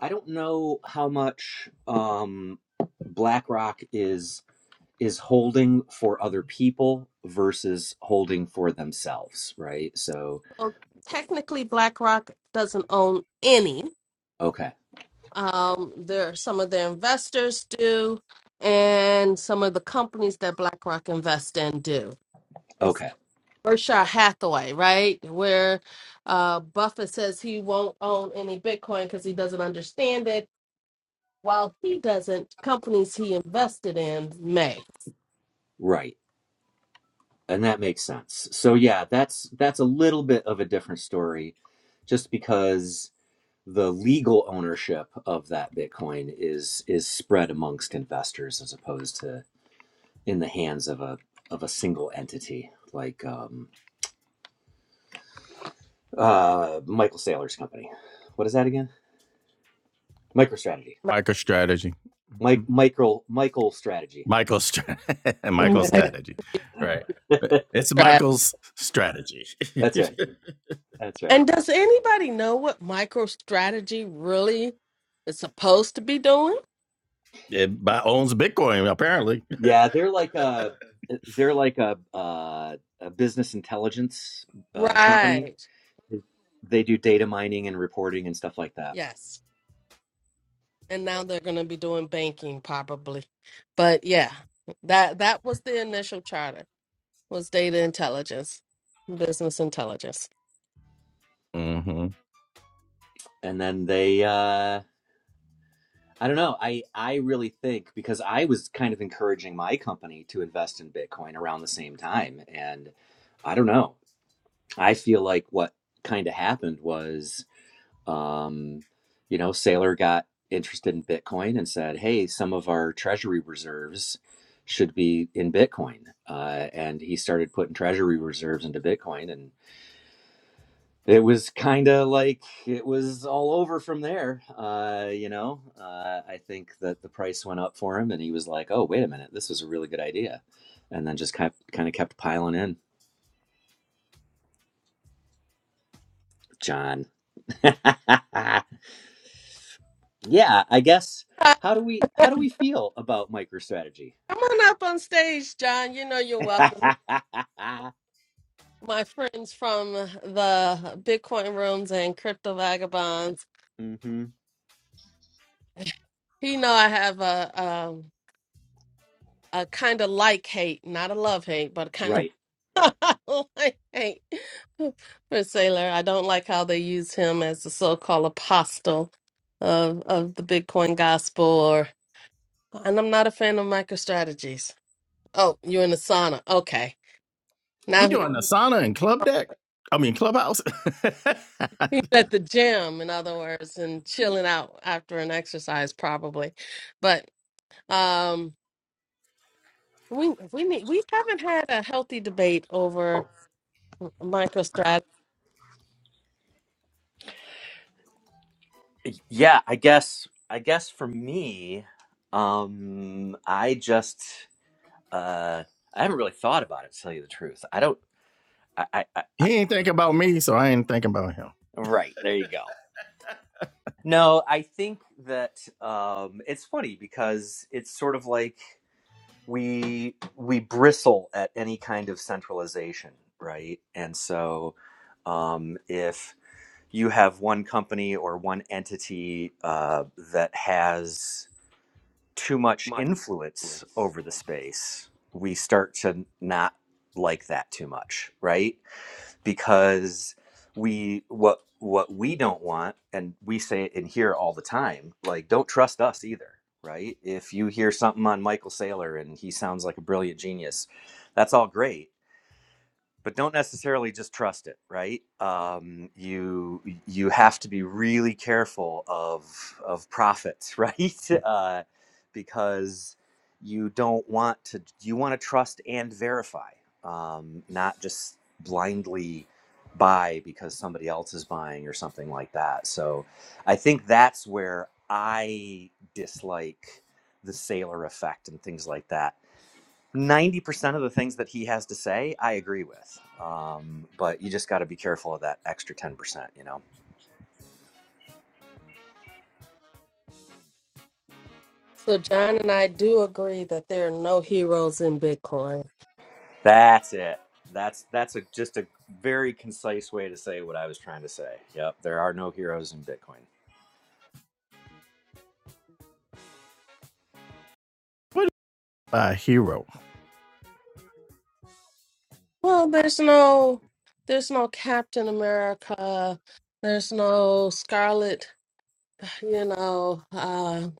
I don't know how much um, BlackRock is is holding for other people versus holding for themselves, right? So,
Well, technically, BlackRock doesn't own any.
okay,
Um, there, some of the investors do, and some of the companies that BlackRock invest in do. It's
okay,
Berkshire Hathaway, right? Where uh, Buffett says he won't own any Bitcoin because he doesn't understand it. While he doesn't, companies he invested in may.
right, and that makes sense. So, yeah, that's that's a little bit of a different story, just because the legal ownership of that Bitcoin is is spread amongst investors as opposed to in the hands of a of a single entity like um, uh, Michael Saylor's company. What is that again? MicroStrategy.
Micro strategy. Mm-hmm.
Mike Michael Michael Strategy.
Michael's stra- Michael's
MicroStrategy.
strategy, right? Eh, It's Michael's strategy.
That's right. That's right.
And does anybody know what MicroStrategy really is supposed to be doing?
it by owns Bitcoin apparently.
Yeah, they're like a they're like a uh, a business intelligence uh, company.
Right.
They do data mining and reporting and stuff like that.
Yes. And now they're going to be doing banking probably. But yeah, that that was the initial charter was data intelligence, business intelligence.
hmm
And then they uh, I don't know. I I really think because I was kind of encouraging my company to invest in Bitcoin around the same time and I don't know. I feel like what kind of happened was, um, you know, Sailor got interested in Bitcoin and said, hey, some of our treasury reserves should be in Bitcoin. Uh, and he started putting treasury reserves into Bitcoin. And it was kind of like it was all over from there. Uh, you know, uh, I think that the price went up for him and he was like, oh, wait a minute, this was a really good idea. And then just kind kind of kept piling in, John. yeah i guess
Uh,
how do we how do we feel about microstrategy
come on up on stage, John. You know you're welcome. My friends from the Bitcoin rooms and crypto vagabonds.
hmm
You know I have a um a kind of like hate, not a love hate, but kind of
right
I hate for Sailor. I don't like how they use him as the so-called apostle of of the Bitcoin gospel. Or and I'm not a fan of MicroStrategies. Oh, you're in the sauna. Okay,
He
now he-
doing Asana and Club Deck. I mean Clubhouse.
he's at the gym, in other words, and chilling out after an exercise, probably. But um, we we need we haven't had a healthy debate over MicroStrategies.
Eh, Yeah, I guess I guess for me, um, I just uh, I haven't really thought about it, to tell you the truth. I don't. I, I, I, I
he ain't thinking about me, so I ain't thinking about him.
right there you go. No, I think that um, it's funny because it's sort of like. we we bristle at any kind of centralization, right? And so, um, if you have one company or one entity uh, that has too much influence over the space, we start to not like that too much, right? because we what what we don't want and we say it in here all the time like don't trust us either right if you hear something on michael saylor and he sounds like a brilliant genius that's all great but don't necessarily just trust it right um, you you have to be really careful of of profits right uh, because you don't want to you want to trust and verify um, not just blindly buy because somebody else is buying or something like that so i think that's where i dislike the sailor effect and things like that 90% of the things that he has to say, I agree with. Um, but you just got to be careful of that extra 10%, you know.
So John and I do agree that there are no heroes in Bitcoin.
That's it. That's that's a just a very concise way to say what I was trying to say. Yep, there are no heroes in Bitcoin.
What a hero.
Well, there's no there's no Captain America. There's no Scarlet, you know, uh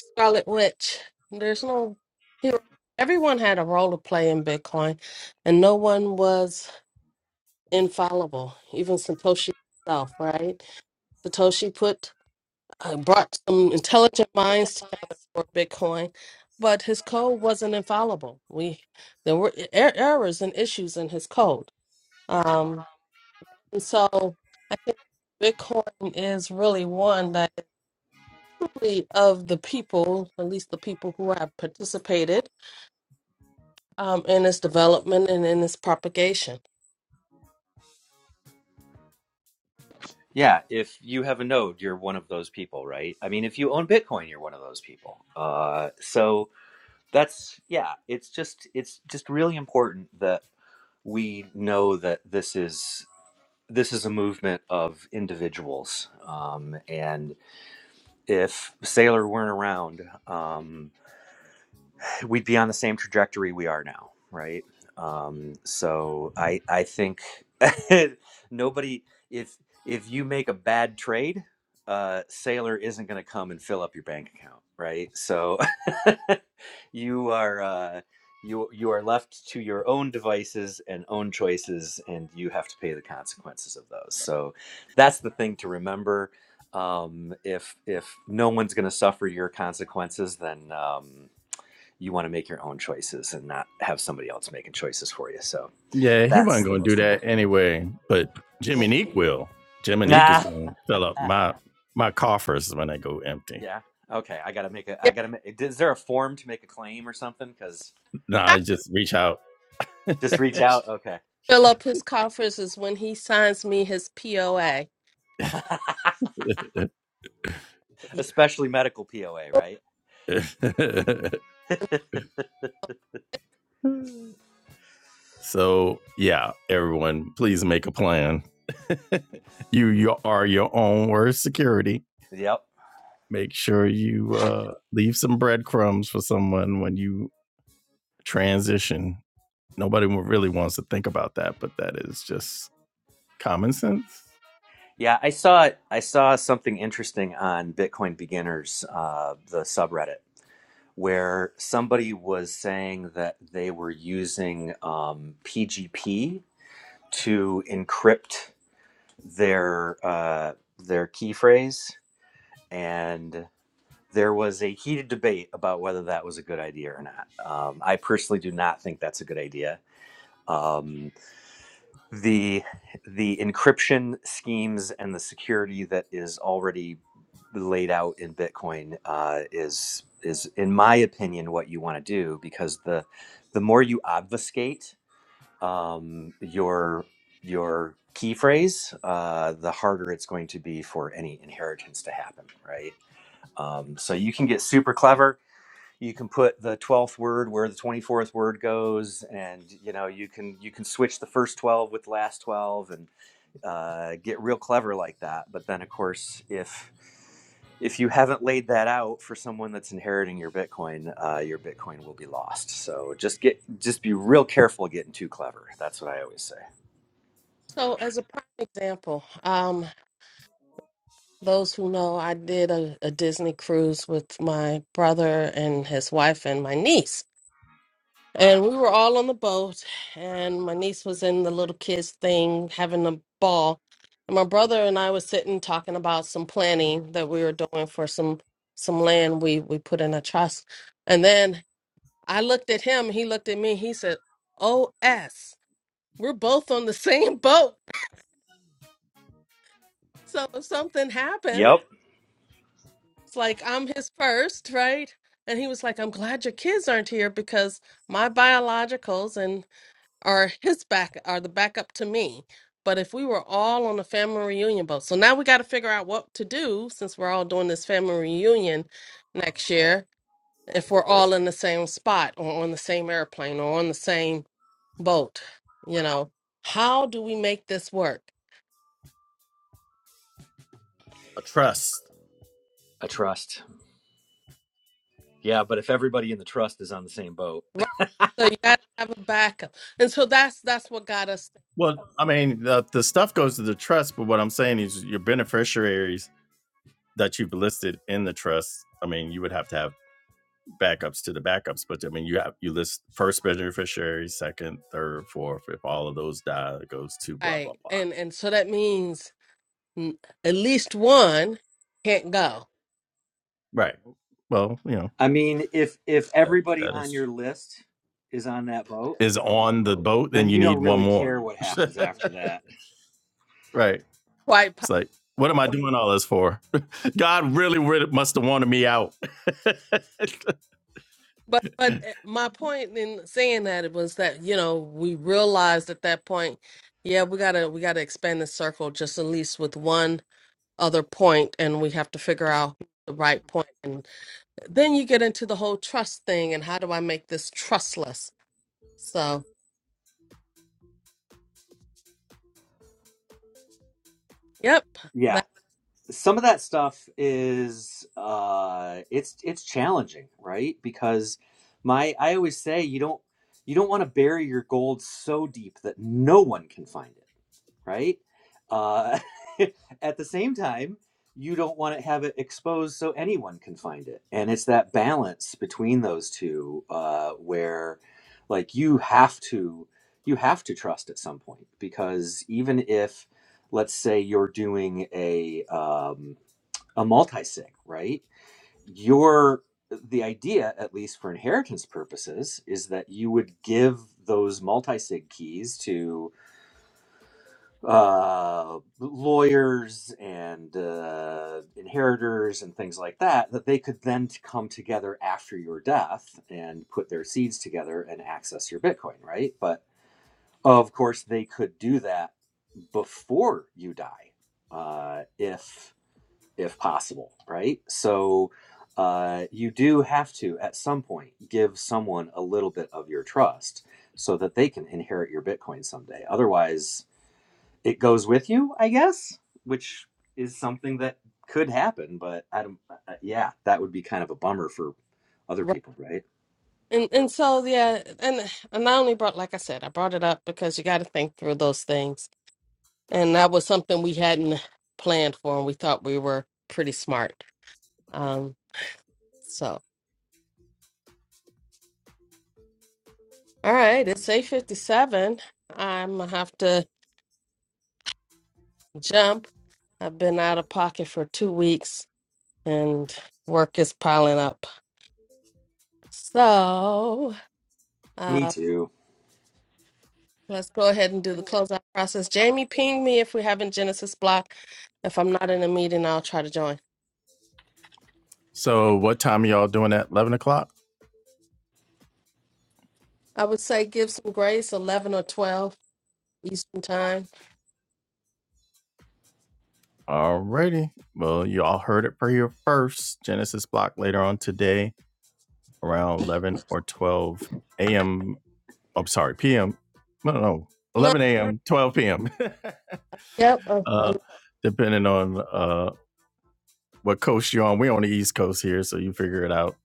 Scarlet Witch. There's no hero. Everyone had a role to play in Bitcoin and no one was infallible, even Satoshi himself, right? Satoshi put uh, brought some intelligent minds together for Bitcoin, but his code wasn't infallible. We there were er errors and issues in his code. Um And so I think Bitcoin is really one that is truly of the people, at least the people who have participated um, in its development and in its propagation.
Yeah, if you have a node, you're one of those people, right? I mean, if you own Bitcoin, you're one of those people. Uh, so that's yeah, it's just it's just really important that we know that this is this is a movement of individuals. Um, and if Sailor weren't around, um, we'd be on the same trajectory we are now, right? Um, so I I think nobody if if you make a bad trade, uh, Sailor isn't going to come and fill up your bank account, right? So you are uh, you you are left to your own devices and own choices, and you have to pay the consequences of those. So that's the thing to remember. Um, if if no one's going to suffer your consequences, then. Um, you want to make your own choices and not have somebody else making choices for you. So
Yeah, he wasn't
that's the
gonna do
most
that
important
anyway, but Jimmy
thing.
Neek will. Jimmy Neek is
Nah.
gonna fill up my my coffers when I go empty.
Yeah. Okay. I gotta make a.
Yeah,
I gotta. Make, is there a form to make a claim or something? Because
No,
I
I just reach out.
just reach out. Okay.
fill up his coffers is when he signs me his POA.
Especially medical POA, right?
so yeah, everyone, please make a plan. you you are your own worst security.
Yep.
Make sure you uh, leave some breadcrumbs for someone when you transition nobody really wants to think about that, but that is just common sense.
Yeah, I saw I saw something interesting on Bitcoin Beginners, uh, the subreddit, where somebody was saying that they were using um, PGP to encrypt their uh, their key phrase, and there was a heated debate about whether that was a good idea or not. Um, I personally do not think that's a good idea. Um, the the encryption schemes and the security that is already laid out in Bitcoin uh, is is in my opinion what you want to do because the the more you obfuscate um, your your key phrase, uh, the harder it's going to be for any inheritance to happen, right? Um, so you can get super clever. You can put the twelfth word where the twenty fourth word goes, and you know you can you can switch the first twelve with the last twelve, and uh, get real clever like that. But then, of course, if if you haven't laid that out for someone that's inheriting your Bitcoin, uh, your Bitcoin will be lost. So just get just be real careful getting too clever. That's what I always say.
So, as a prime example, um, those who know, I did a, a Disney cruise with my brother and his wife and my niece. And we were all on the boat, and my niece was in the little kids thing having a ball. And my brother and I was sitting talking about some planning that we were doing for some some land we we put in a trust. And then I looked at him, he looked at me, he said, "O s we're both on the same boat. So if something happens,
Yep,
it's like I'm his first, right?" And he was like, "I'm glad your kids aren't here because my biologicals and are his back are the backup to me. But if we were all on a family reunion boat, so now we got to figure out what to do since we're all doing this family reunion next year. If we're all in the same spot or on the same airplane or on the same boat, you know, how do we make this work?
A trust.
a trust. Yeah, but if everybody in the trust is on the same boat,
Right. So you got to have a backup, and so that's that's what got us
Well, I mean, the, the stuff goes to the trust, but what I'm saying is your beneficiaries that you've listed in the trust. I mean, you would have to have backups to the backups, but I mean, you have you list first beneficiary, second, third, fourth. If all of those die, it goes to blah
right.
blah blah.
And and so that means mm, at least one can't go.
Right. Well, you know,
I mean, if if
That
everybody
that
on
is
your list is on that boat,
is on the boat, then
then
you
you
need
don't
one
really
more.
care what happens after that.
right.
Quite
It's like, what am I doing all this for? God really, really must have wanted me out.
But but eh, my point in saying that it was that you know we realized at that point, yeah, we gotta we gotta expand the circle just at least with one other point, and we have to figure out the right point, and then you get into the whole trust thing and how do I make this trustless? So yep,
Yeah,
that
some of that stuff is uh it's it's challenging right because my i always say you don't you don't want to bury your gold so deep that no one can find it right? Uh, at the same time, you don't want to have it exposed so anyone can find it. And it's that balance between those two uh, where, like, you have to you have to trust at some point because even if, let's say, you're doing a um, a multi-sig, right? Your the idea, at least for inheritance purposes, is that you would give those multi-sig keys to uh, lawyers and uh, inheritors and things like that, that they could then t- come together after your death and put their seeds together and access your Bitcoin, right? But of course, they could do that before you die, uh, if if possible, right? So uh, you do have to, at some point, give someone a little bit of your trust so that they can inherit your Bitcoin someday. Otherwise it goes with you, I guess, which is something that could happen. But I don't. Uh, yeah, that would be kind of a bummer for other
right.
people, right?
And and so yeah, and and I only brought like I said, I brought it up because you got to think through those things, and that was something we hadn't planned for, and we thought we were pretty smart. Um, So, all right, it's 8:57. I'm gonna have to jump. I've been out of pocket for two weeks and work is piling up. So,
Me
uh,
too.
let's go ahead and do the closeout process. Jamie, ping me if we have in Genesis block. If I'm not in a meeting, I'll try to join.
so what time are y'all doing at eleven o'clock?
I would say give some grace, 11 or 12 Eastern time.
Alrighty. Well, you all heard it for your first Genesis block later on today. around 11 or 12 a.m. I'm sorry, p.m. No, no, no,
No,
11 a.m., 12 p.m.
yep, uh,
uh, depending on uh, what coast you're on. We're on the East Coast here, so you figure it out.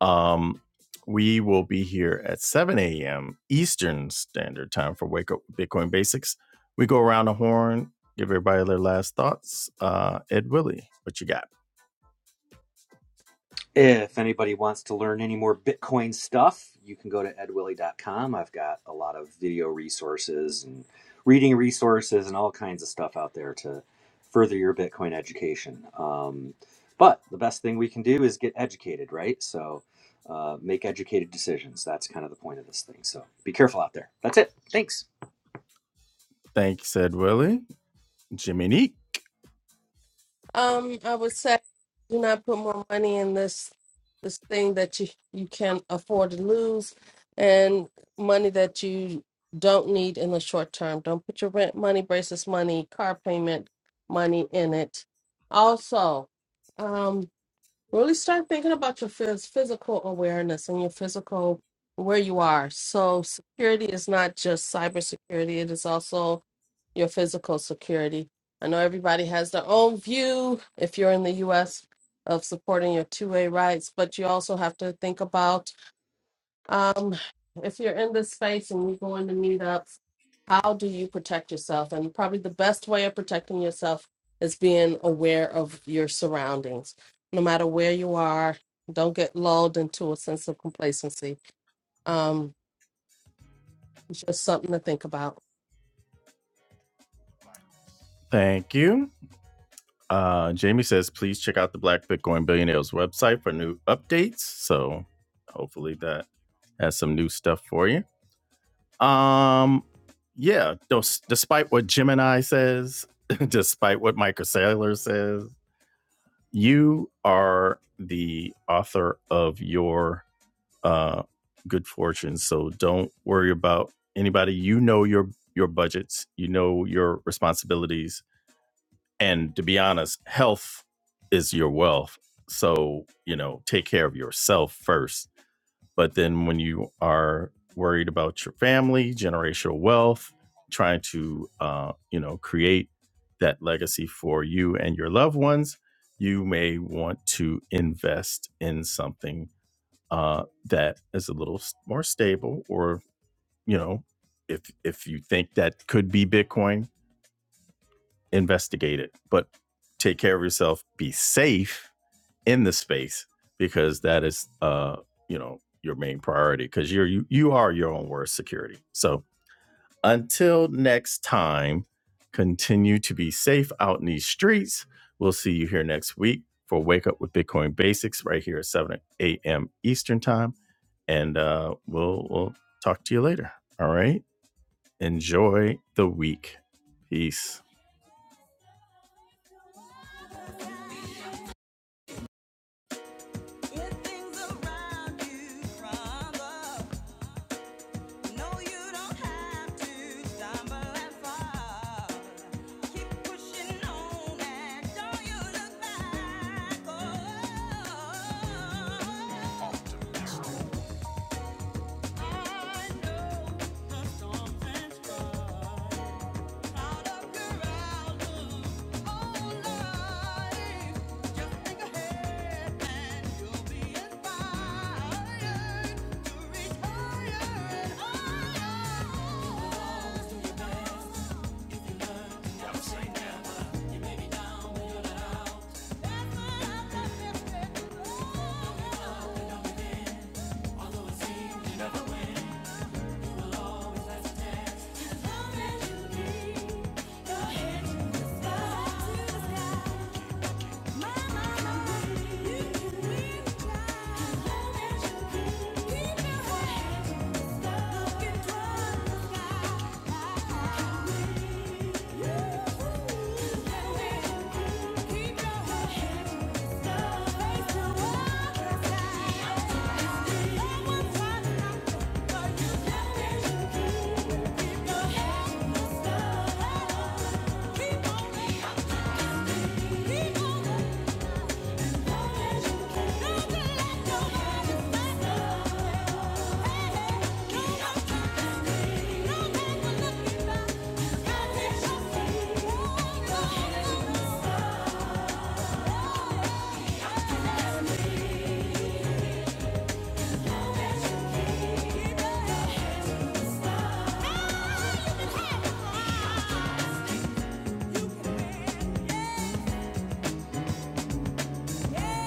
Um, we will be here at 7 a.m. Eastern Standard Time for Wake Up Bitcoin Basics. We go around the horn, give everybody their last thoughts. Uh, Ed Willie, what you got?
If anybody wants to learn any more Bitcoin stuff, you can go to ed willie dot com. I've got a lot of video resources and reading resources and all kinds of stuff out there to further your Bitcoin education. Um, but the best thing we can do is get educated, right? So uh, make educated decisions. That's kind of the point of this thing. So be careful out there. That's it. Thanks.
Thanks, Ed Willie. Jimmy Neek,
Um, I would say do not put more money in this this thing that you you can afford to lose, and money that you don't need in the short term. Don't put your rent money, braces money, car payment money in it. Also, um. Really start thinking about your phys- physical awareness and your physical where you are. So security is not just cybersecurity; it is also your physical security. I know everybody has their own view if you're in the US of supporting your two-way rights, but you also have to think about um, if you're in this space and you're going to meetups, how do you protect yourself? And probably the best way of protecting yourself is being aware of your surroundings. No matter where you are, don't get lulled into a sense of complacency. Um, it's just something to think about.
thank you. Uh, Jamie says, please check out the Black Bitcoin Billionaires website for new updates. So hopefully that has some new stuff for you. Um, yeah, dos- despite what Gemini says, despite what Michael Saylor says, you are the author of your uh, good fortune. So don't worry about anybody. You know your your budgets. You know your responsibilities and to be honest health is your wealth so you know take care of yourself first but then when you are worried about your family generational wealth trying to uh, you know create that legacy for you and your loved ones you may want to invest in something uh, that is a little s- more stable or you know if if you think that could be bitcoin investigate it, but take care of yourself, be safe in the space because that is, uh, you know, your main priority because you're you, you are your own worst security. So until next time, continue to be safe out in these streets. We'll see you here next week for Wake Up with Bitcoin Basics right here at 7 a.m. Eastern Time. And uh, we'll, we'll talk to you later. All right. Enjoy the week. Peace. Get things around you from the No, you don't have to stumble and fall. Keep pushing on and don't you look back. Oh, I know the storms and strife. Your head to the sky. Keep on you can Yeah.